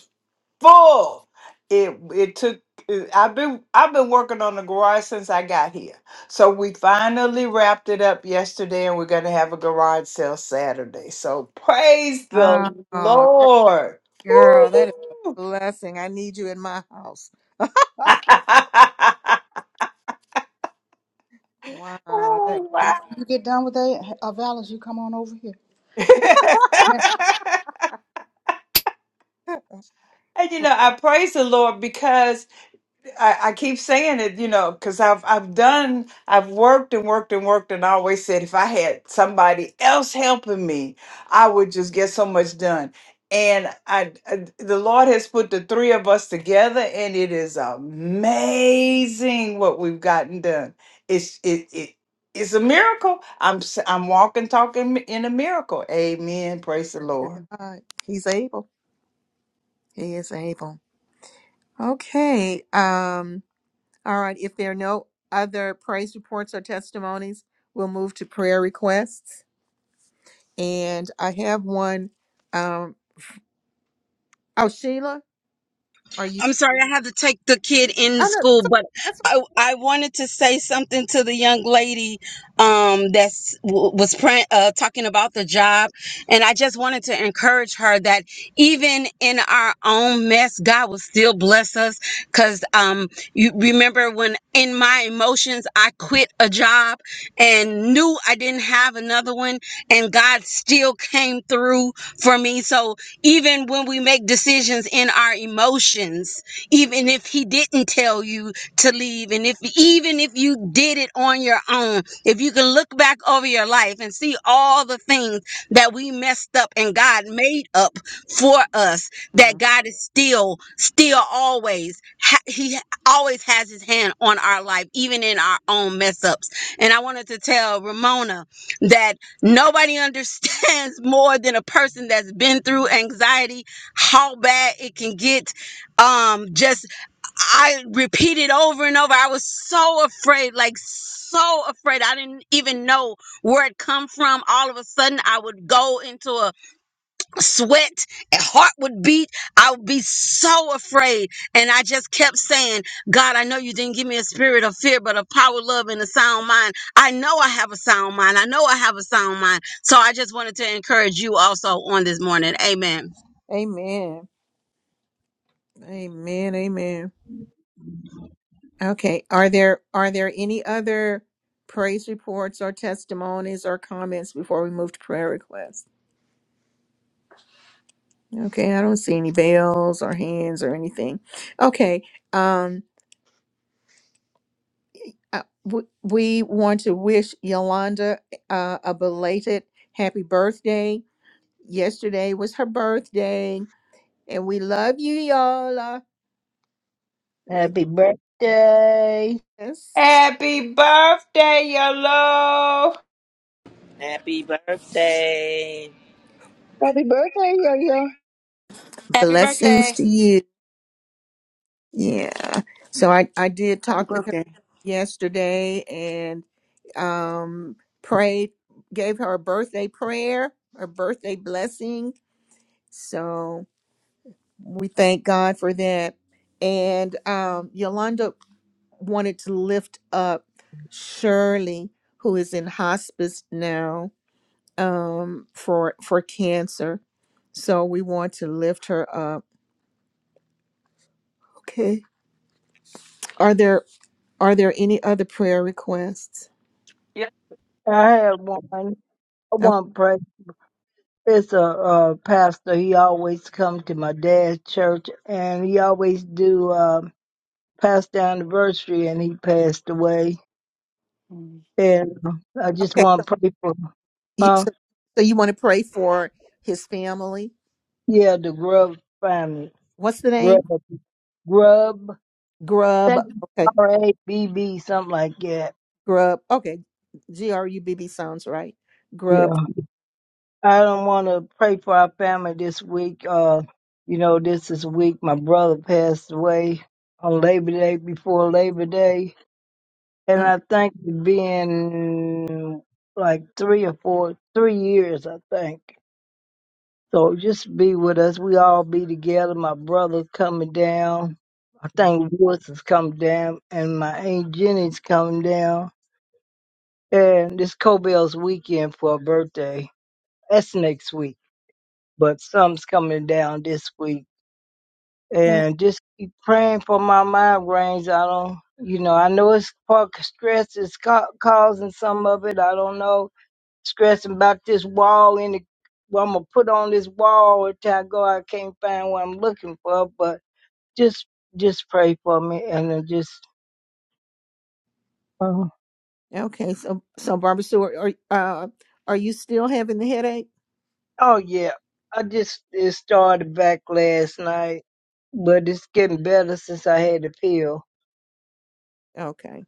Speaker 8: full. It it took. it- I've been I've been working on the garage since I got here. So we finally wrapped it up yesterday, and we're gonna have a garage sale Saturday. So praise the
Speaker 1: Oh, that-
Speaker 8: Lord.
Speaker 1: girl, that is a
Speaker 8: Woo.
Speaker 1: blessing. I need you in my house. Wow. That,
Speaker 8: oh wow.
Speaker 7: You get our valors, you come on over here.
Speaker 8: and you know I praise the Lord because I, I keep saying it, you know, because I've I've done I've worked and worked and worked and I always said if I had somebody else helping me, I would just get so much done. And I, I the Lord has put the three of us together, and it is amazing what we've gotten done. It's it it. It's a miracle. I'm s- I'm walking, talking in a miracle. Amen. Praise the
Speaker 1: to
Speaker 8: Lord.
Speaker 1: God. He's able. He is able. Okay. Um, all right. If there are no other praise reports or testimonies, we'll move to prayer requests. And I have one. Um, oh, Sheila, are you?
Speaker 14: I'm sorry, I have to take the kid in the
Speaker 1: Oh, no,
Speaker 14: school,
Speaker 1: that's, okay,
Speaker 14: but
Speaker 1: that's
Speaker 14: I, I wanted to say something to the young lady um, that was praying uh, talking about the job. And I just wanted to encourage her that even in our own mess, God will still bless us. Because um, you remember when in my emotions, I quit a job and knew I didn't have another one, and God still came through for me. So, even when we make decisions in our emotions even if he didn't tell you to leave and if even if you did it on your own if you can look back over your life and see all the things that we messed up and God made up for us that
Speaker 1: mm.
Speaker 14: God is still still always ha- he always has his hand on our life even in our own mess ups and I wanted to tell Ramona that Nobody understands more than a person that's been through anxiety how bad it can get. Um, just I repeated over and over. I was so afraid, like so afraid. I didn't even know where it come from. All of a sudden, I would go into a sweat and heart would beat i would be so afraid and i just kept saying god i know you didn't give me a spirit of fear but of power love and a sound mind i know i have a sound mind i know i have a sound mind so i just wanted to encourage you also on this morning amen
Speaker 1: amen. Amen. Amen. Okay. Are there are there any other praise reports or testimonies or comments before we move to prayer requests? Okay, I don't see any bells or hands or anything. Okay. Um Uh, w- we want to wish Yolanda uh, a belated happy birthday. Yesterday was her birthday, and we love you, Yola. We
Speaker 4: Happy birthday.
Speaker 1: yes,
Speaker 8: Happy birthday, Yellow.
Speaker 2: Happy birthday.
Speaker 5: Happy birthday, yo yo.
Speaker 15: Happy
Speaker 1: blessings
Speaker 15: birthday.
Speaker 1: to you. Yeah. So I I did
Speaker 13: Happy
Speaker 1: talk with her
Speaker 13: birthday.
Speaker 1: yesterday and um prayed, gave her a birthday prayer, a birthday blessing. So we thank God for that. And um, Yolanda wanted to lift up Shirley, who is in hospice now um, for for cancer. So we want to lift her up. Okay. Are there are there any other prayer requests?
Speaker 8: Ye-
Speaker 4: I had one. I
Speaker 1: Okay.
Speaker 4: want to pray. It's a, uh pastor. He always come to my dad's church, and he always do uh, pastor anniversary, and he passed away. And uh, I just
Speaker 1: okay.
Speaker 4: want
Speaker 1: So,
Speaker 4: to pray for,
Speaker 1: you-
Speaker 4: huh?
Speaker 1: so, so you want to pray for his family?
Speaker 4: Yeah, the Grub family,
Speaker 1: What's the
Speaker 4: Grub,
Speaker 1: name?
Speaker 4: Grub. I
Speaker 1: Grub.
Speaker 4: think
Speaker 1: Okay.
Speaker 4: R A B B, something like that.
Speaker 1: Grub. Okay. G R U B B sounds right. Grub.
Speaker 4: Yeah, I don't want to pray for our family this week. Uh, you know, this is week my brother passed away on Labor Day before Labor Day and I think it been like three or four, three years, I think. So just be with us. We all be together. My brother's coming down. I think Woods is coming down, and my aunt Jenny's coming down. And this Cobell's weekend for her birthday. That's next week, but some's coming down this week.
Speaker 1: Oh,
Speaker 4: And just keep praying for my migraines. I don't, you know, I know it's part stress is ca- causing some of it. I don't know stressing about this wall in the what I'm gonna put on this wall until I go. I can't find what I'm looking for, but just just pray for me and then just uh,
Speaker 1: okay. So so Barbara Stewart, are uh, are you still having the headache?
Speaker 4: oh yeah. I just it started back last night, but it's getting better since I had the pill.
Speaker 1: Okay.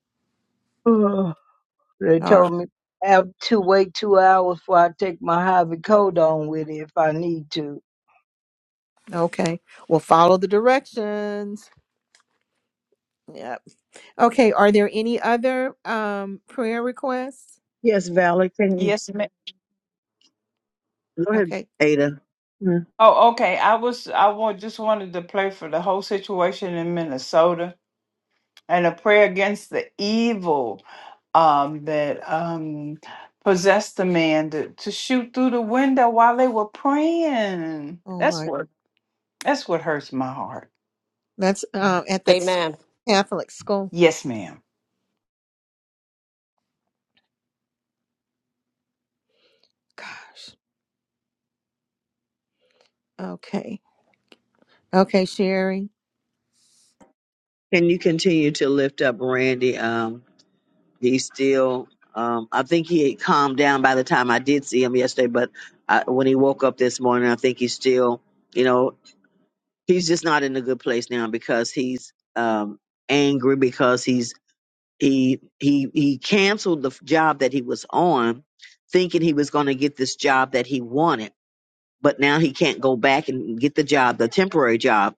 Speaker 4: Ugh. they
Speaker 1: All
Speaker 4: told
Speaker 1: right.
Speaker 4: me I have to wait two hours before I take my hydrocodone with it if I need to.
Speaker 1: Okay. Well, follow the directions. Yep. Okay. Are there any other um prayer requests?
Speaker 5: Yes, Valerie. Can you
Speaker 8: Yes, ma'am.
Speaker 5: go ahead,
Speaker 1: Okay.
Speaker 5: Ada? Hmm.
Speaker 8: Oh, okay. I was I wa- just wanted to pray for the whole situation in Minnesota and a prayer against the evil um, that um, possessed the man to, to shoot through the window while they were praying.
Speaker 1: Oh
Speaker 8: That's
Speaker 1: my.
Speaker 8: what That's what hurts my heart.
Speaker 1: That's uh, at that s-
Speaker 15: Amen.
Speaker 1: Catholic school.
Speaker 8: Yes, ma'am.
Speaker 1: Gosh. Okay. Okay, Sherry.
Speaker 5: Can you continue to lift up Randy? Um, he's still. Um, I think he had calmed down by the time I did see him yesterday, but I, when he woke up this morning, I think he's still. You know, he's just not in a good place now because he's um angry because he's he he he canceled the f- job that he was on thinking he was going to get this job that he wanted but now he can't go back and get the job the temporary job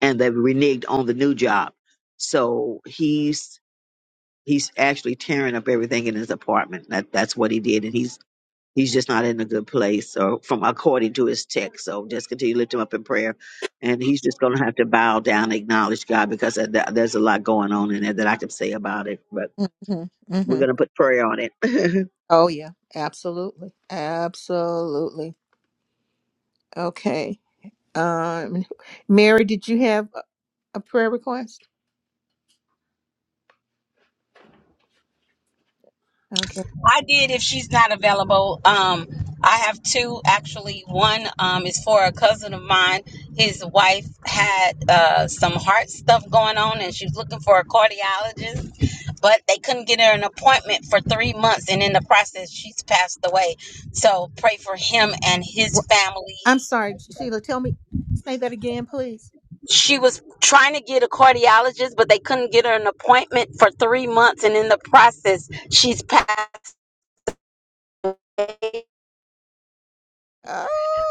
Speaker 5: and they reneged on the new job so he's he's actually tearing up everything in his apartment that that's what he did and he's he's just not in a good place or from according to his text. So just continue to lift him up in prayer. And he's just going to have to bow down, and acknowledge God because of that- there's a lot going on in there that I can say about it, but
Speaker 1: hmm
Speaker 5: we're
Speaker 1: hmm
Speaker 5: going to put prayer on it.
Speaker 1: Oh yeah. Absolutely. Absolutely. Okay. Um, Mary, did you have a a prayer request? Okay.
Speaker 14: I did if she's not available. Um, I have two actually. One um, is for a cousin of mine. His wife had uh, some heart stuff going on and she was looking for a cardiologist, but they couldn't get her an appointment for three months. And in the process, she's passed away. So pray for him and his family.
Speaker 1: I'm sorry, Sheila. Tell me, say that again, please.
Speaker 14: She was trying to get a cardiologist, but they couldn't get her an appointment for three months. And in the process, she's passed.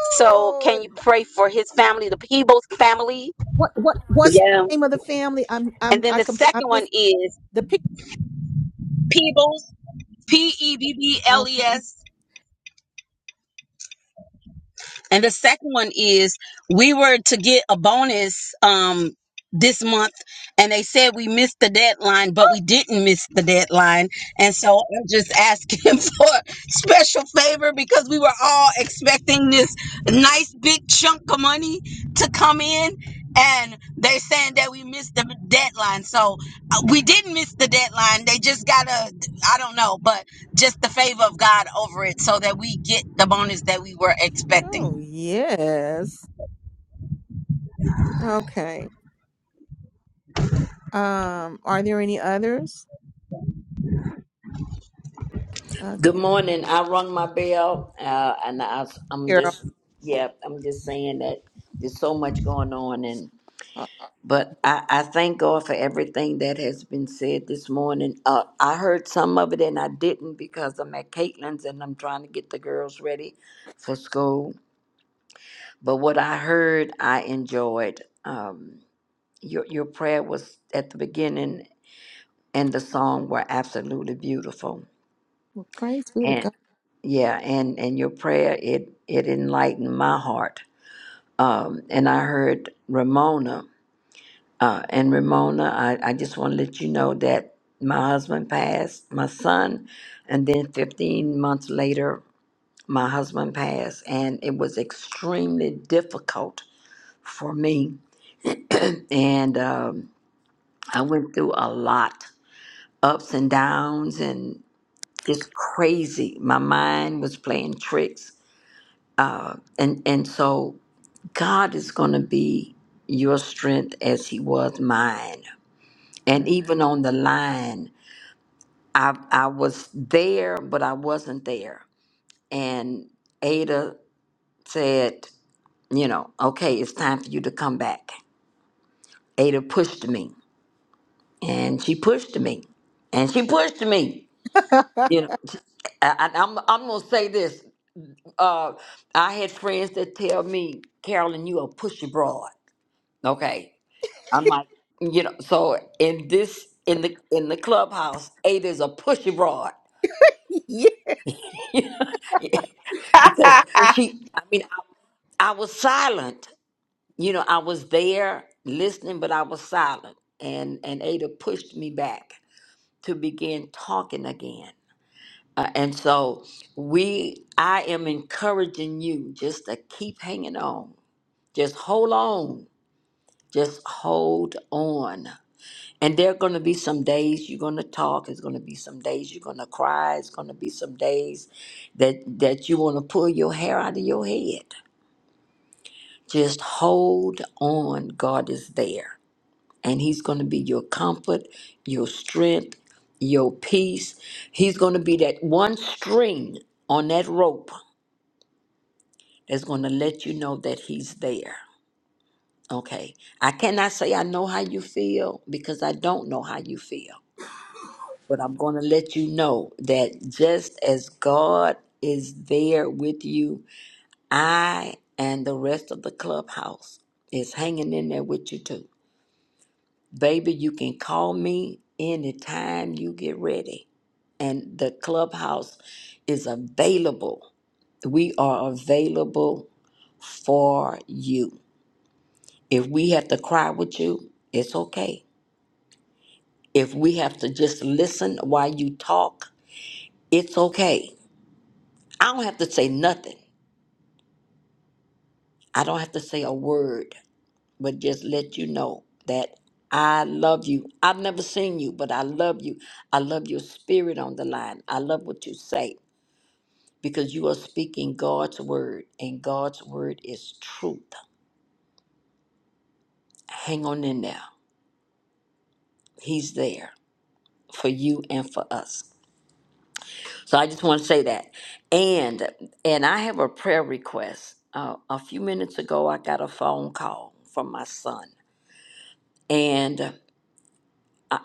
Speaker 14: So can you pray for his family, the Peebles family?
Speaker 1: what what what's the
Speaker 14: Yeah.
Speaker 1: name of the family? I'm
Speaker 14: And
Speaker 1: I'm
Speaker 14: then
Speaker 1: I
Speaker 14: the
Speaker 1: compl- I
Speaker 14: second one
Speaker 1: missed
Speaker 14: is
Speaker 1: the pic.
Speaker 14: Peebles, P E B B L E
Speaker 1: Okay.
Speaker 14: S. And the second one is we were to get a bonus um this month and they said we missed the deadline, but we didn't miss the deadline. And so I'm just asking for a special favor because we were all expecting this nice big chunk of money to come in and they're saying that we missed the deadline. So uh, we didn't miss the deadline. They just got to I don't know, but just the favor of God over it so that we get the bonus that we were expecting.
Speaker 1: Oh yes. Okay. Um, are there any others?
Speaker 6: Good
Speaker 1: Okay,
Speaker 6: morning. I rung my bell, uh, and I, I'm
Speaker 1: Carol.
Speaker 6: just, yeah, I'm just saying that there's so much going on, and
Speaker 1: Uh,
Speaker 6: but I, I thank God for everything that has been said this morning. Uh, I heard some of it, and I didn't because I'm at Caitlin's and I'm trying to get the girls ready for school. But what I heard, I enjoyed. Um, your your prayer was at the beginning, and the song were absolutely beautiful.
Speaker 1: Well, praise be to
Speaker 6: and
Speaker 1: God.
Speaker 6: yeah and and your prayer it it enlightened my heart um and i heard ramona uh and ramona i i just want to let you know that my husband passed my son and then 15 months later my husband passed and it was extremely difficult for me and um i went through a lot ups and downs and just crazy my mind was playing tricks and and so God is going to be your strength as He was mine. And even on the line, I, I was there, but I wasn't there. And Ada said, You know, okay, it's time for you to come back. Ada pushed me, and she pushed me, and she pushed me. You know, I, I, am I'm I'm gonna say this. Uh, I had friends that tell me, Carolyn, you a pushy broad. Okay, I'm like, you know, so in this in the in the clubhouse, Ada's a pushy broad
Speaker 1: Yeah.
Speaker 6: because she. I mean, I, I was silent. You know, I was there listening, but I was silent, and and Ada pushed me back to begin talking again. Uh, and so we, I am encouraging you just to keep hanging on, just hold on, just hold on And there are going to be some days you're going to talk. It's going to be some days you're going to cry. It's going to be some days that that you want to pull your hair out of your head. Just hold on. God is there, and He's going to be your comfort, your strength, your peace. He's going to be that one string on that rope that's going to let you know that He's there. Okay, I cannot say I know how you feel because I don't know how you feel. But I'm going to let you know that just as God is there with you, I and the rest of the clubhouse is hanging in there with you too. Baby, you can call me anytime you get ready. And the clubhouse is available. We are available for you. If we have to cry with you, it's okay. If we have to just listen while you talk, it's okay I don't have to say nothing. I don't have to say a word, but just let you know that I love you. I've never seen you, but I love you. I love your spirit on the line. I love what you say because you are speaking God's word, and God's word is truth. Hang on in there. He's there for you and for us. So I just want to say that. And and I have a prayer request. Uh, a few minutes ago, I got a phone call from my son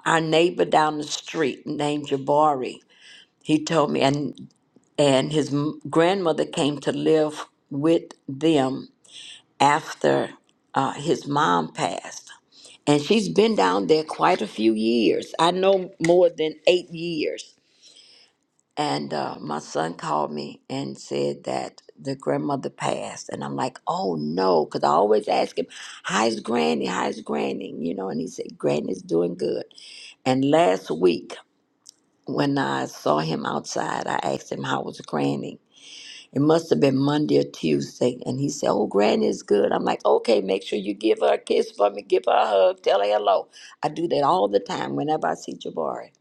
Speaker 6: our neighbor down the street named Jabari. He told me, and and his m- grandmother came to live with them after uh, his mom passed, and she's been down there quite a few years. I know more than eight years. And uh, my son called me and said that the grandmother passed, and I'm like, oh no, because I always ask him, how's Granny? How's Granny? You know, and he said, Granny's doing good. And last week When I saw him outside, I asked him how was Granny. It must have been Monday or Tuesday, and he said, "Oh, Granny is good." I'm like, "Okay, make sure you give her a kiss for me, give her a hug, tell her hello." I do that all the time whenever I see Jabari.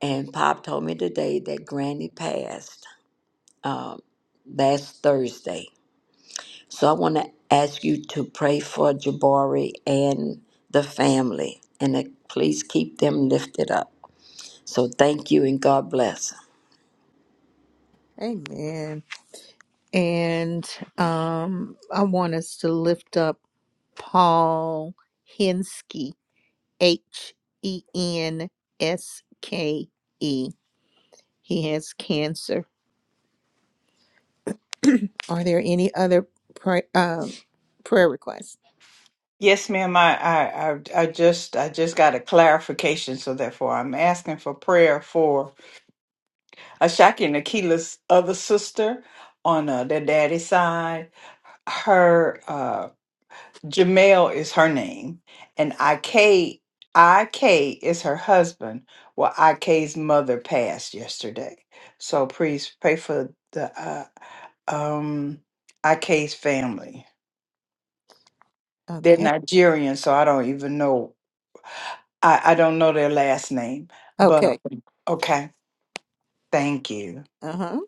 Speaker 6: And Pop told me today that Granny passed um, last Thursday. So I want to ask you to pray for Jabari and the family, and to please keep them lifted up. So thank you, and God bless.
Speaker 1: Amen. And um, I want us to lift up Paul Henske, H E N S K E. He has cancer. Are there any other pray, um, prayer requests?
Speaker 8: Yes, ma'am. I, I, I, I just, I just got a clarification. So therefore, I'm asking for prayer for Ashaki and Akila's other sister on uh, their daddy's side. Her uh, Jamel is her name, and Ik Ik is her husband. Well, Ik's mother passed yesterday, so please pray for the uh, um, Ik's family. They're
Speaker 1: Okay.
Speaker 8: Nigerian, so I don't even know. I, I don't know their last name, but
Speaker 1: Okay.
Speaker 8: okay. Thank you,
Speaker 1: Uh huh.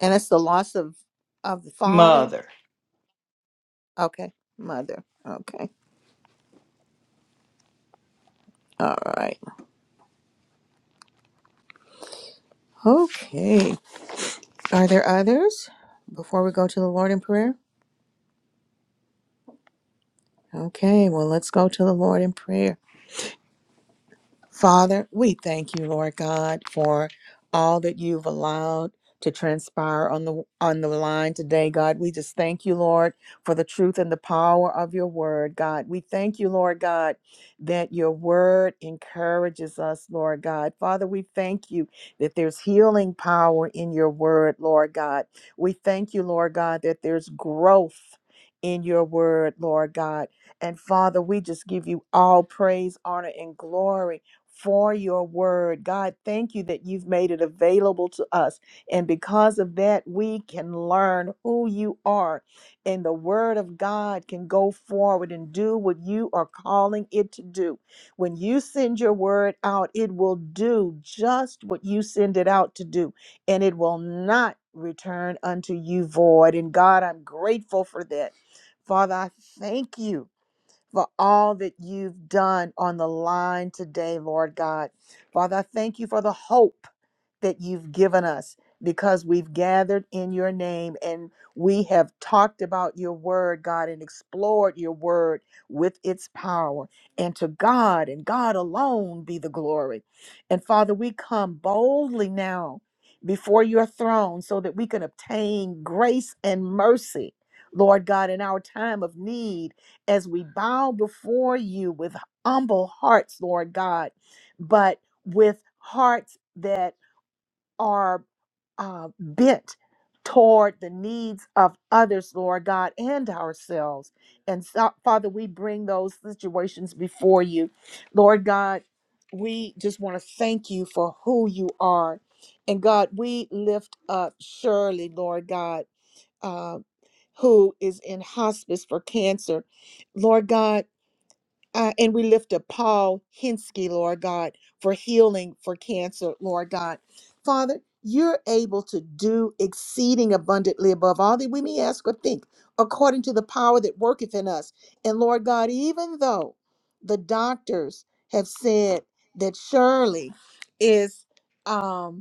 Speaker 1: And it's the loss of of the father.
Speaker 8: mother.
Speaker 1: Okay. Mother. Okay. All right. Okay. Are there others before we go to the Lord in prayer? Okay, well, let's go to the Lord in prayer. Father, we thank you, Lord God, for all that you've allowed to transpire on the on the line today, God. We just thank you, Lord, for the truth and the power of your word, God. We thank you, Lord God, that your word encourages us, Lord God. Father, we thank you that there's healing power in your word, Lord God. We thank you, Lord God, that there's growth in your word, Lord God. And Father, we just give you all praise, honor, and glory for your word. God, thank you that you've made it available to us. And because of that, we can learn who you are. And the word of God can go forward and do what you are calling it to do. When you send your word out, it will do just what you send it out to do, and it will not return unto you void. And God, I'm grateful for that. Father, I thank you for all that you've done on the line today, Lord God. Father, I thank you for the hope that you've given us because we've gathered in your name and we have talked about your word, God, and explored your word with its power. And to God and God alone be the glory. And Father, we come boldly now before your throne so that we can obtain grace and mercy. Lord God, in our time of need, as we bow before you with humble hearts, Lord God, but with hearts that are uh, bent toward the needs of others, Lord God, and ourselves. And so, Father, we bring those situations before you. Lord God, we just want to thank you for who you are. And God, we lift up Shirley, Lord God, uh, who is in hospice for cancer. Lord God, uh, and we lift up Paul Hinsky, Lord God, for healing for cancer, Lord God. Father, you're able to do exceeding abundantly above all that we may ask or think, according to the power that worketh in us. And Lord God, even though the doctors have said that Shirley is um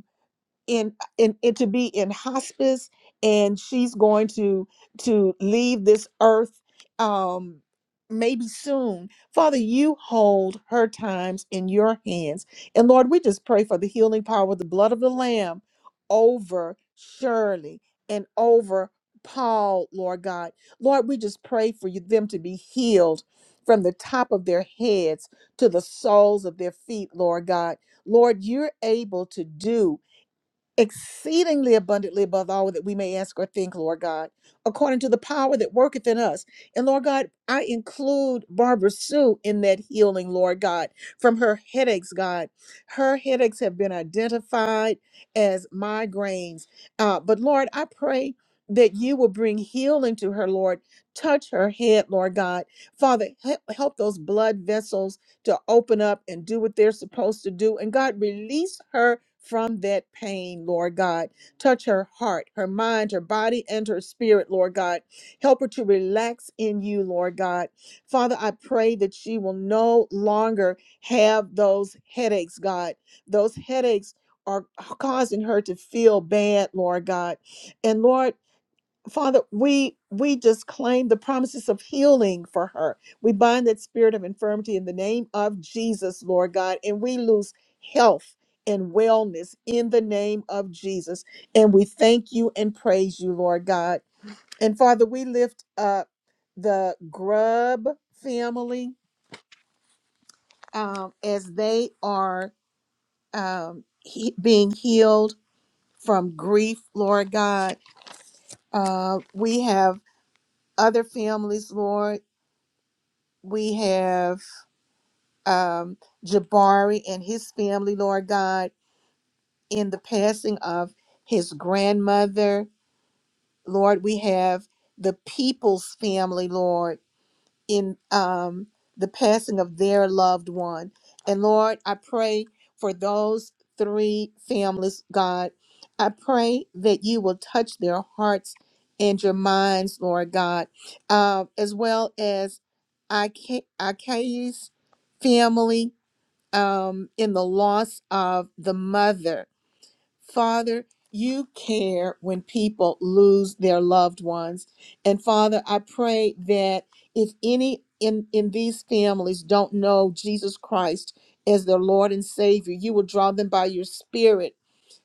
Speaker 1: in, in in to be in hospice and she's going to to leave this earth um maybe soon father you hold her times in your hands and lord we just pray for the healing power of the blood of the lamb over shirley and over paul lord god lord we just pray for you, them to be healed from the top of their heads to the soles of their feet lord god lord you're able to do exceedingly abundantly above all that we may ask or think, Lord God, according to the power that worketh in us. And Lord God, I include Barbara Sue in that healing, Lord God, from her headaches, God. Her headaches have been identified as migraines. Uh, but Lord, I pray. That you will bring healing to her, Lord. Touch her head, Lord God. Father, he- help those blood vessels to open up and do what they're supposed to do. And God, release her from that pain, Lord God. Touch her heart, her mind, her body, and her spirit, Lord God. Help her to relax in you, Lord God. Father, I pray that she will no longer have those headaches, God. Those headaches are causing her to feel bad, Lord God. And Lord, Father, we we just claim the promises of healing for her. We bind that spirit of infirmity in the name of Jesus, Lord God, and we lose health and wellness in the name of Jesus. And we thank you and praise you, Lord God. And Father, we lift up the Grub family um, as they are um, he- being healed from grief, Lord God. Uh, we have other families, Lord. We have um, Jabari and his family, Lord God, in the passing of his grandmother. Lord, we have the people's family, Lord in um, the passing of their loved one. And Lord, I pray for those three families, God. I pray that you will touch their hearts and your minds, Lord God, uh, as well as Ike- Ike's family um, in the loss of the mother. Father, you care when people lose their loved ones. And Father, I pray that if any in, in these families don't know Jesus Christ as their Lord and Savior, you will draw them by your Spirit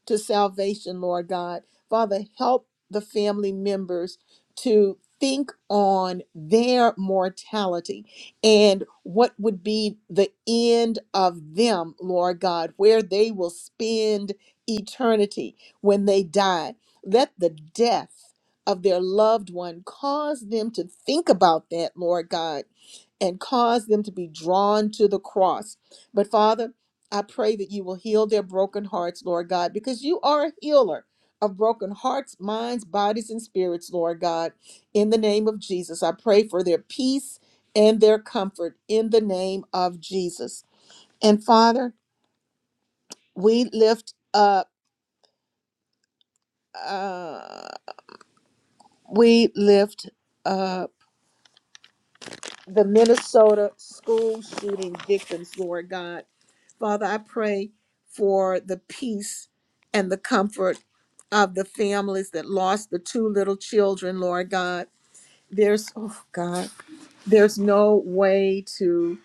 Speaker 1: to salvation, Lord God. Father, help the family members to think on their mortality and what would be the end of them, Lord God, where they will spend eternity when they die. Let the death of their loved one cause them to think about that, Lord God, and cause them to be drawn to the cross. But Father, I pray that you will heal their broken hearts, Lord God, because you are a healer of broken hearts, minds, bodies, and spirits, Lord God. In the name of Jesus, I pray for their peace and their comfort in the name of Jesus. And Father, we lift up, uh, we lift up. the Minnesota school shooting victims, Lord God. Father, I pray for the peace and the comfort of the families that lost the two little children, Lord God. There's, oh God, there's no way to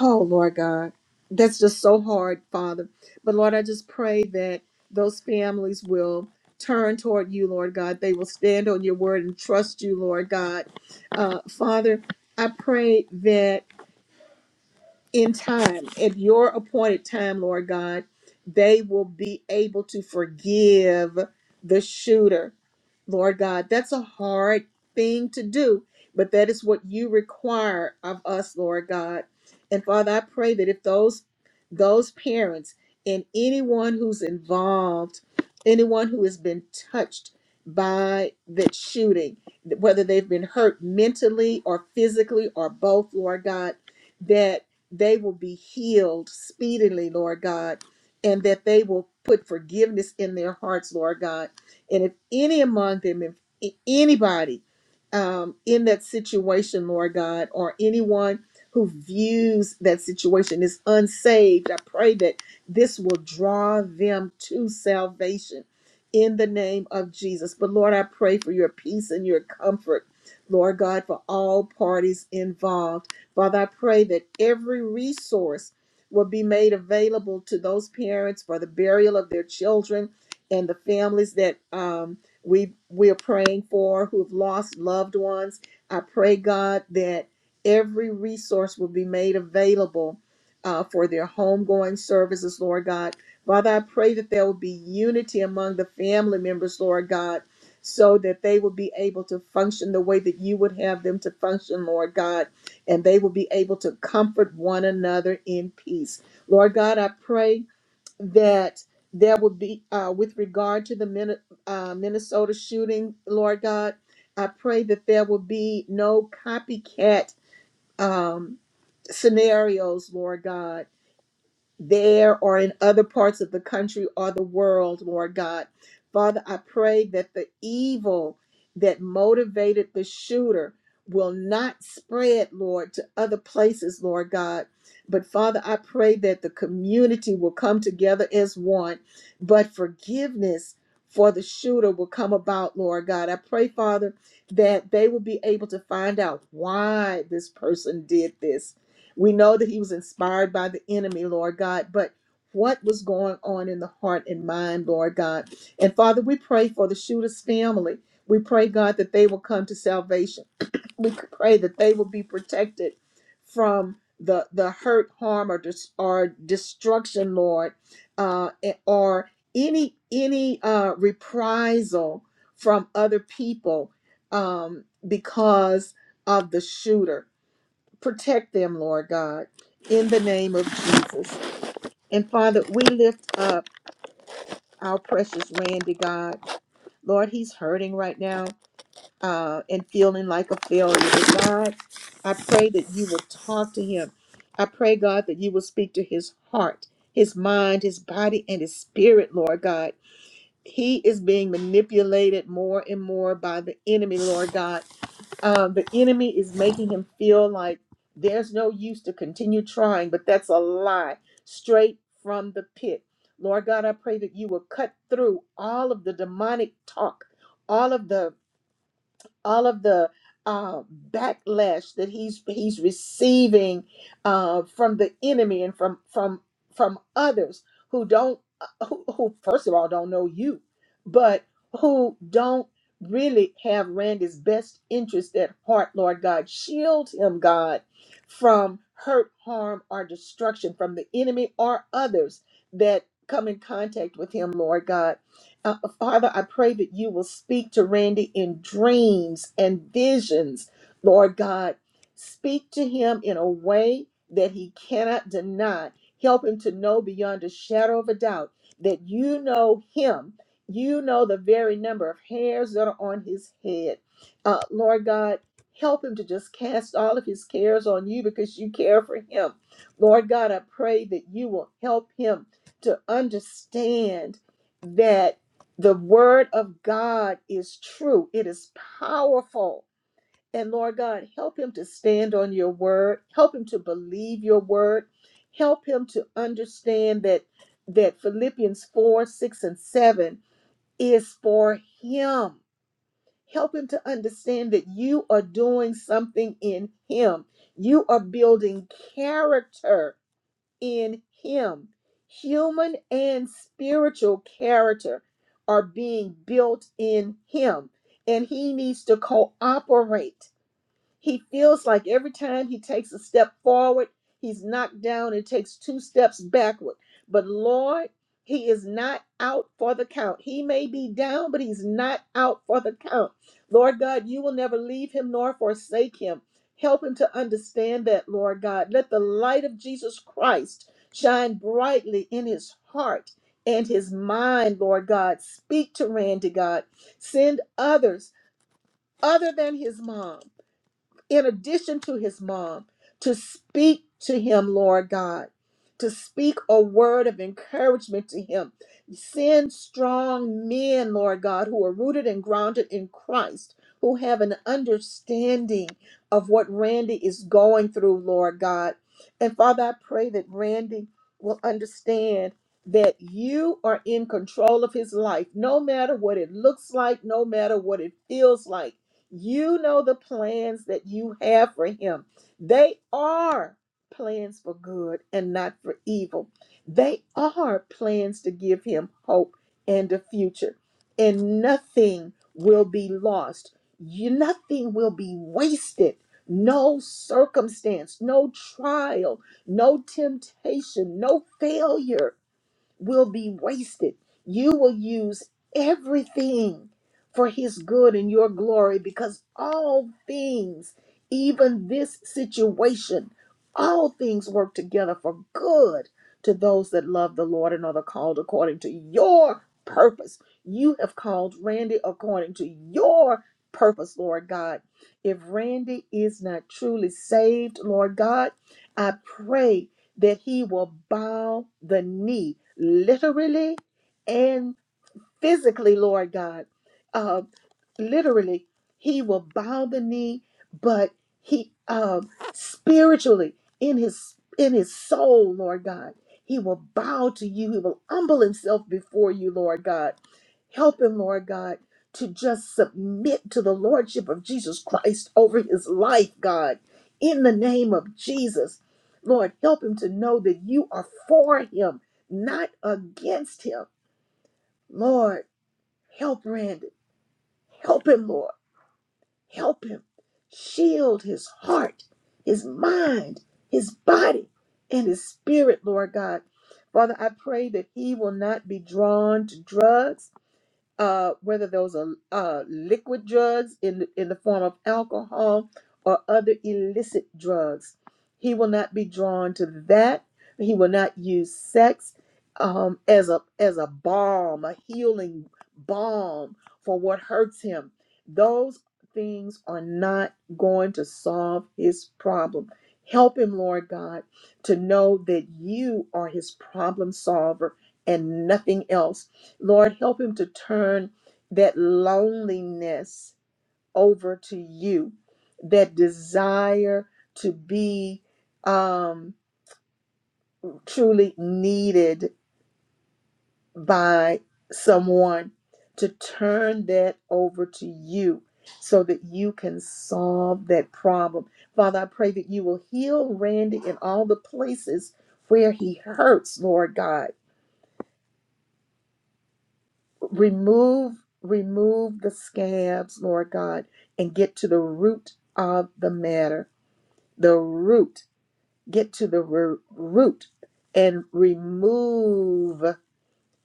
Speaker 1: Oh, Lord God, that's just so hard, Father. But Lord, I just pray that those families will turn toward you, Lord God. They will stand on your word and trust you, Lord God. Uh, Father, I pray that in time, at your appointed time, Lord God, they will be able to forgive the shooter. Lord God, that's a hard thing to do, but that is what you require of us, Lord God. And Father, I pray that if those those parents and anyone who's involved, anyone who has been touched by that shooting, whether they've been hurt mentally or physically or both, Lord God, that they will be healed speedily, Lord God, and that they will put forgiveness in their hearts, Lord God. And if any among them, if a- anybody um, in that situation, Lord God, or anyone who views that situation is unsaved, I pray that this will draw them to salvation in the name of Jesus. But Lord, I pray for your peace and your comfort, Lord God, for all parties involved. Father, I pray that every resource will be made available to those parents for the burial of their children and the families that um, we we are praying for who have lost loved ones. I pray, God, that every resource will be made available uh, for their homegoing services, Lord God. Father, I pray that there will be unity among the family members, Lord God, so that they will be able to function the way that you would have them to function, Lord God and they will be able to comfort one another in peace. Lord God, I pray that there will be, uh, with regard to the Min- uh, Minnesota shooting, Lord God, I pray that there will be no copycat um, scenarios, Lord God there or in other parts of the country or the world, Lord God. Father, I pray that the evil that motivated the shooter will not spread, Lord, to other places, Lord God. But Father, I pray that the community will come together as one, but forgiveness for the shooter will come about, Lord God. I pray, Father, that they will be able to find out why this person did this we know that he was inspired by the enemy, Lord God, but what was going on in the heart and mind, Lord God? And Father, we pray for the shooter's family. We pray, God, that they will come to salvation. We pray that they will be protected from the the hurt, harm, or dis- or destruction, Lord, uh, and- or any any uh, reprisal from other people um, because of the shooter. Protect them, Lord God, in the name of Jesus. And Father, we lift up our precious Randy, God. Lord, he's hurting right now uh, and feeling like a failure. But God, I pray that you will talk to him. I pray, God, that you will speak to his heart, his mind, his body, and his spirit, Lord God. He is being manipulated more and more by the enemy, Lord God um, the enemy is making him feel like there's no use to continue trying, but that's a lie straight from the pit. Lord God, I pray that you will cut through all of the demonic talk, all of the all of the uh, backlash that he's he's receiving uh, from the enemy and from from from others who don't uh, who, who first of all don't know you, but who don't really have Randy's best interest at heart, Lord God. Shield him, God, from hurt, harm, or destruction from the enemy or others that come in contact with him, Lord God. Uh, Father, I pray that you will speak to Randy in dreams and visions, Lord God. Speak to him in a way that he cannot deny. Help him to know beyond a shadow of a doubt that you know him. You know the very number of hairs that are on his head. Uh, Lord God, help him to just cast all of his cares on you because you care for him. Lord God, I pray that you will help him to understand that. The word of God is true, it is powerful. And Lord God, help him to stand on your word, help him to believe your word, help him to understand that that Philippians 4, 6, and 7 is for him. Help him to understand that you are doing something in him. You are building character in him. Human and spiritual character are being built in him, and he needs to cooperate he feels like every time he takes a step forward, he's knocked down and takes two steps backward. But Lord, he is not out for the count. He may be down, but he's not out for the count. Lord God, you will never leave him nor forsake him. Help him to understand that, Lord God. Let the light of Jesus Christ shine brightly in his heart and his mind, Lord God. Speak to Randy, God. Send others other than his mom in addition to his mom, to speak to him, Lord God, to speak a word of encouragement to him. Send strong men, Lord God, who are rooted and grounded in Christ, who have an understanding of what Randy is going through, Lord God. And Father, I pray that Randy will understand that you are in control of his life, no matter what it looks like, no matter what it feels like you know the plans that you have for him. They are plans for good and not for evil. They are plans to give him hope and a future. And nothing will be lost. You, nothing will be wasted. No circumstance, no trial, no temptation, no failure will be wasted. You will use everything for his good and your glory because all things, even this situation, all things work together for good to those that love the Lord and are the called according to your purpose. You have called Randy according to your purpose, Lord God. If Randy is not truly saved, Lord God, I pray that he will bow the knee literally and physically, Lord God. Uh, literally, he will bow the knee, but he um, spiritually in his in his soul, Lord God, he will bow to you. He will humble himself before you, Lord God. Help him, Lord God, to just submit to the lordship of Jesus Christ over his life, God. In the name of Jesus, Lord, help him to know that you are for him, not against him, Lord. Help Randy. Help him, Lord. Help him. Shield his heart, his mind, his body, and his spirit, Lord God. Father, I pray that he will not be drawn to drugs uh, whether those are uh, liquid drugs in, in the form of alcohol or other illicit drugs. He will not be drawn to that. He will not use sex um, as a as a balm, a healing balm for what hurts him. Those things are not going to solve his problem. Help him, Lord God, to know that you are his problem solver and nothing else Lord, help him to turn that loneliness over to you, that desire to be um, truly needed by someone, to turn that over to you so that you can solve that problem. Father, I pray that you will heal Randy in all the places where he hurts, Lord God Remove, remove the scabs, Lord God, and get to the root of the matter. The root. Get to the ro- root and remove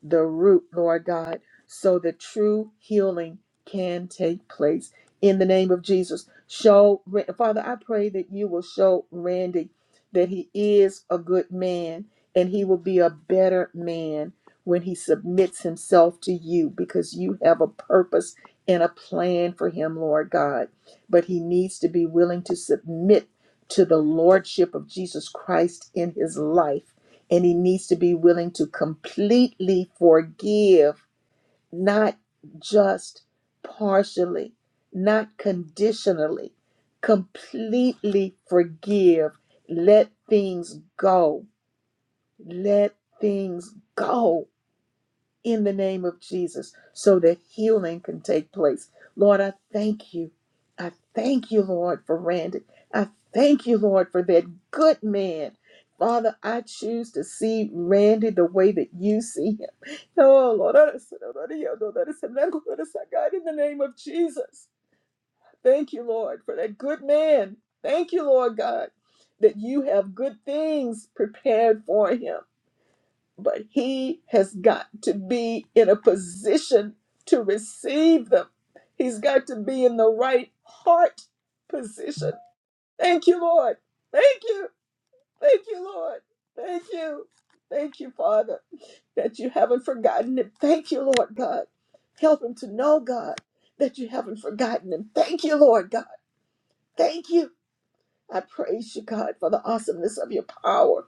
Speaker 1: the root, Lord God, so that true healing can take place. In the name of Jesus, show Father, I pray that you will show Randy that he is a good man and he will be a better man when he submits himself to you because you have a purpose and a plan for him, Lord God. But he needs to be willing to submit to the lordship of Jesus Christ in his life and he needs to be willing to completely forgive, not just partially, not conditionally, completely forgive. Let things go. Let things go in the name of Jesus so that healing can take place. Lord, I thank you. I thank you, Lord, for Randy. I thank you, Lord, for that good man. Father, I choose to see Randy the way that you see him. Oh, Lord, I just- I just- I just- God, in the name of Jesus. Thank you, Lord, for that good man. Thank you, Lord God, that you have good things prepared for him but he has got to be in a position to receive them. He's got to be in the right heart position. Thank you, Lord. Thank you. Thank you, Lord. Thank you. Thank you, Father, that you haven't forgotten him. Thank you, Lord God. Help him to know, God, that you haven't forgotten him. Thank you, Lord God. Thank you. I praise you, God, for the awesomeness of your power.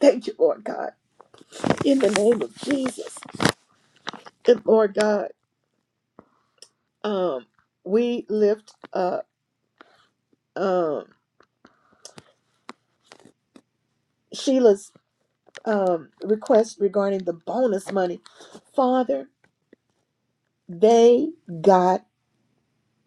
Speaker 1: Thank you, Lord God. In the name of Jesus. Good Lord God. um, we lift uh, um, Sheila's um, request regarding the bonus money. Father, they got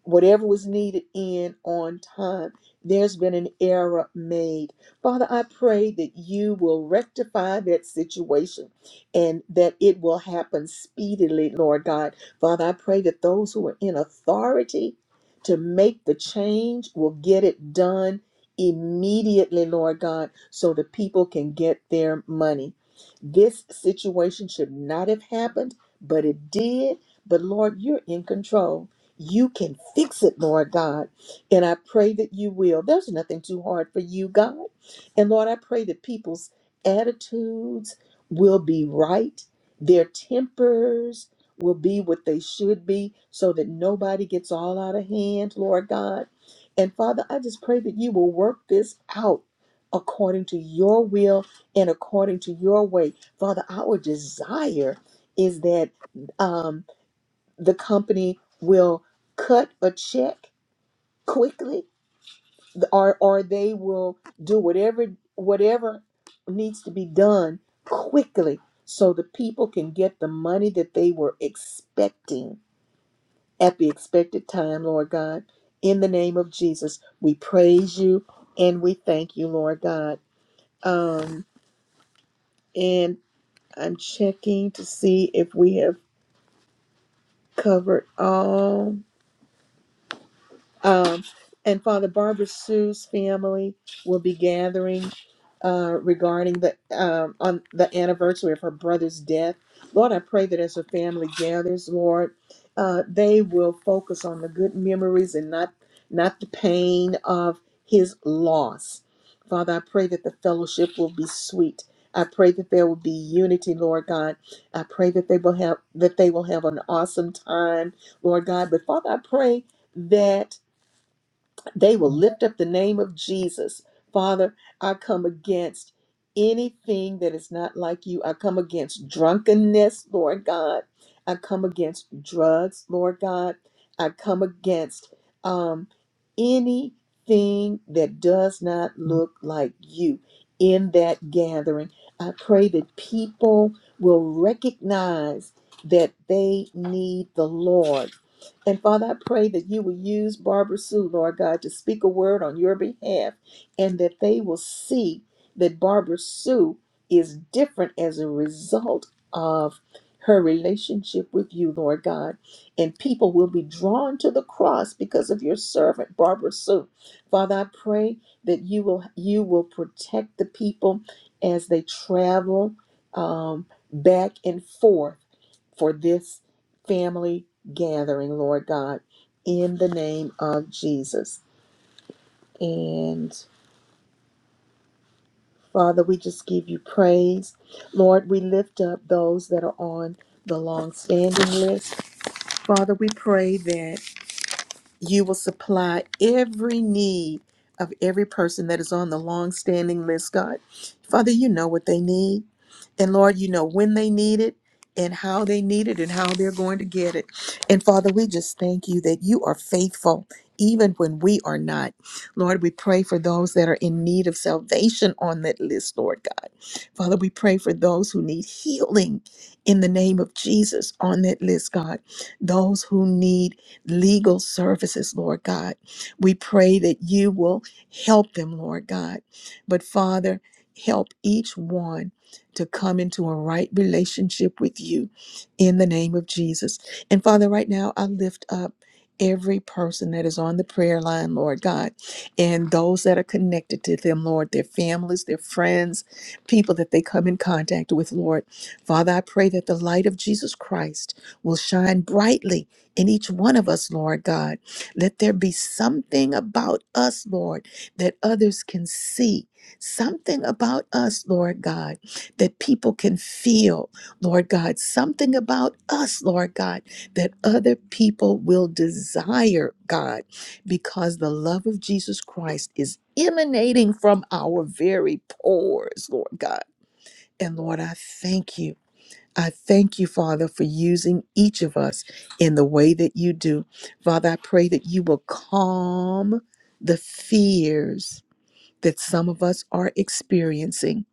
Speaker 1: whatever was needed in on time. There's been an error made. Father, I pray that you will rectify that situation and that it will happen speedily, Lord God. Father, I pray that those who are in authority to make the change will get it done immediately, Lord God, so the people can get their money. This situation should not have happened, but it did. But Lord, you're in control. You can fix it, Lord God. And I pray that you will. There's nothing too hard for you, God. And Lord, I pray that people's attitudes will be right, their tempers will be what they should be, so that nobody gets all out of hand, Lord God. And Father, I just pray that you will work this out according to your will and according to your way Father, our desire is that um, the company will cut a check quickly, or or they will do whatever whatever needs to be done quickly, so the people can get the money that they were expecting at the expected time. Lord God, in the name of Jesus, we praise you and we thank you, Lord God. Um, and I'm checking to see if we have. covered all um, and Father Barbara Sue's family will be gathering uh, regarding the um, on the anniversary of her brother's death. Lord, I pray that as her family gathers, Lord, uh, they will focus on the good memories and not not the pain of his loss. Father, I pray that the fellowship will be sweet. I pray that there will be unity, Lord God. I pray that they will have that they will have an awesome time, Lord God. But Father, I pray that they will lift up the name of Jesus. Father, I come against anything that is not like you. I come against drunkenness, Lord God. I come against drugs, Lord God. I come against um, anything that does not look like you in that gathering. I pray that people will recognize that they need the Lord and Father, I pray that you will use Barbara Sue, Lord God, to speak a word on your behalf and that they will see that Barbara Sue is different as a result of her relationship with you, Lord God. And people will be drawn to the cross because of your servant, Barbara Sue. Father, I pray that you will you will protect the people as they travel um, back and forth for this family gathering, Lord God, in the name of Jesus. And Father, we just give you praise. Lord, we lift up those that are on the long standing list. Father, we pray that. you will supply every need of every person that is on the long-standing list, God. Father, you know what they need. And Lord, you know when they need it and how they need it and how they're going to get it. And Father, we just thank you that you are faithful even when we are not. Lord, we pray for those that are in need of salvation on that list, Lord God. Father, we pray for those who need healing in the name of Jesus on that list, God. Those who need legal services, Lord God. We pray that you will help them, Lord God. But Father, help each one to come into a right relationship with you in the name of Jesus. And Father, right now, I lift up. Every person that is on the prayer line, Lord God, and those that are connected to them, Lord, their families, their friends, people that they come in contact with, Lord. Father, I pray that the light of Jesus Christ will shine brightly in each one of us, Lord God. Let there be something about us, Lord, that others can see. Something about us, Lord God, that people can feel, Lord God. Something about us, Lord God, that other people will desire, God, because the love of Jesus Christ is emanating from our very pores, Lord God. And Lord, I thank you. I thank you, Father, for using each of us in the way that you do. Father, I pray that you will calm the fears that some of us are experiencing.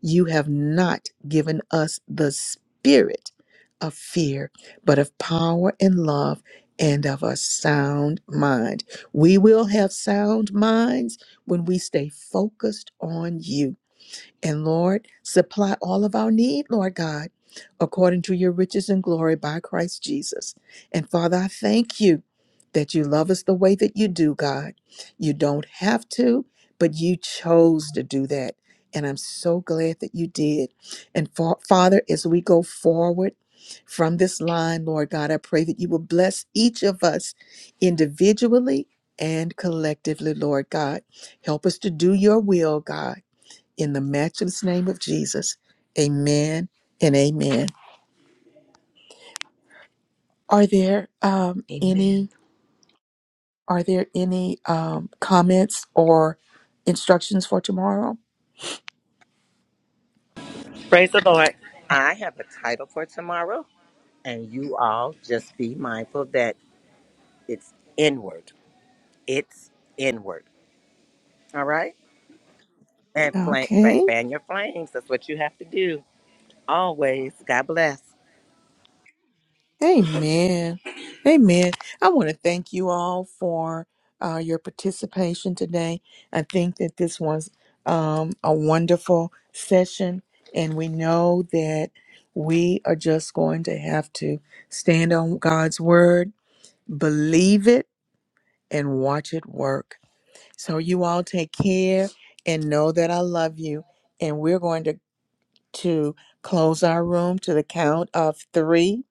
Speaker 1: You have not given us the spirit of fear, but of power and love and of a sound mind. We will have sound minds when we stay focused on you. And Lord, supply all of our need, Lord God, according to your riches and glory by Christ Jesus. And Father, I thank you that you love us the way that you do, God. You don't have to, but you chose to do that. And I'm so glad that you did. And fa- Father, as we go forward from this line, Lord God, I pray that you will bless each of us individually and collectively, Lord God. Help us to do your will, God. In the matchless name of Jesus, amen and amen. Are there um,
Speaker 6: Amen.
Speaker 1: any are there any um, comments or instructions for tomorrow?
Speaker 2: Praise the Lord. I have a title for tomorrow. And you all just be mindful that it's inward. It's inward. All right? And flame,
Speaker 1: Okay.
Speaker 2: fan your flames. That's what you have to do always. God bless.
Speaker 1: Amen. Amen. I want to thank you all for uh, your participation today. I think that this was um, a wonderful session, and we know that we are just going to have to stand on God's word, believe it and watch it work. So you all take care and know that I love you. And we're going to to close our room to the count of three.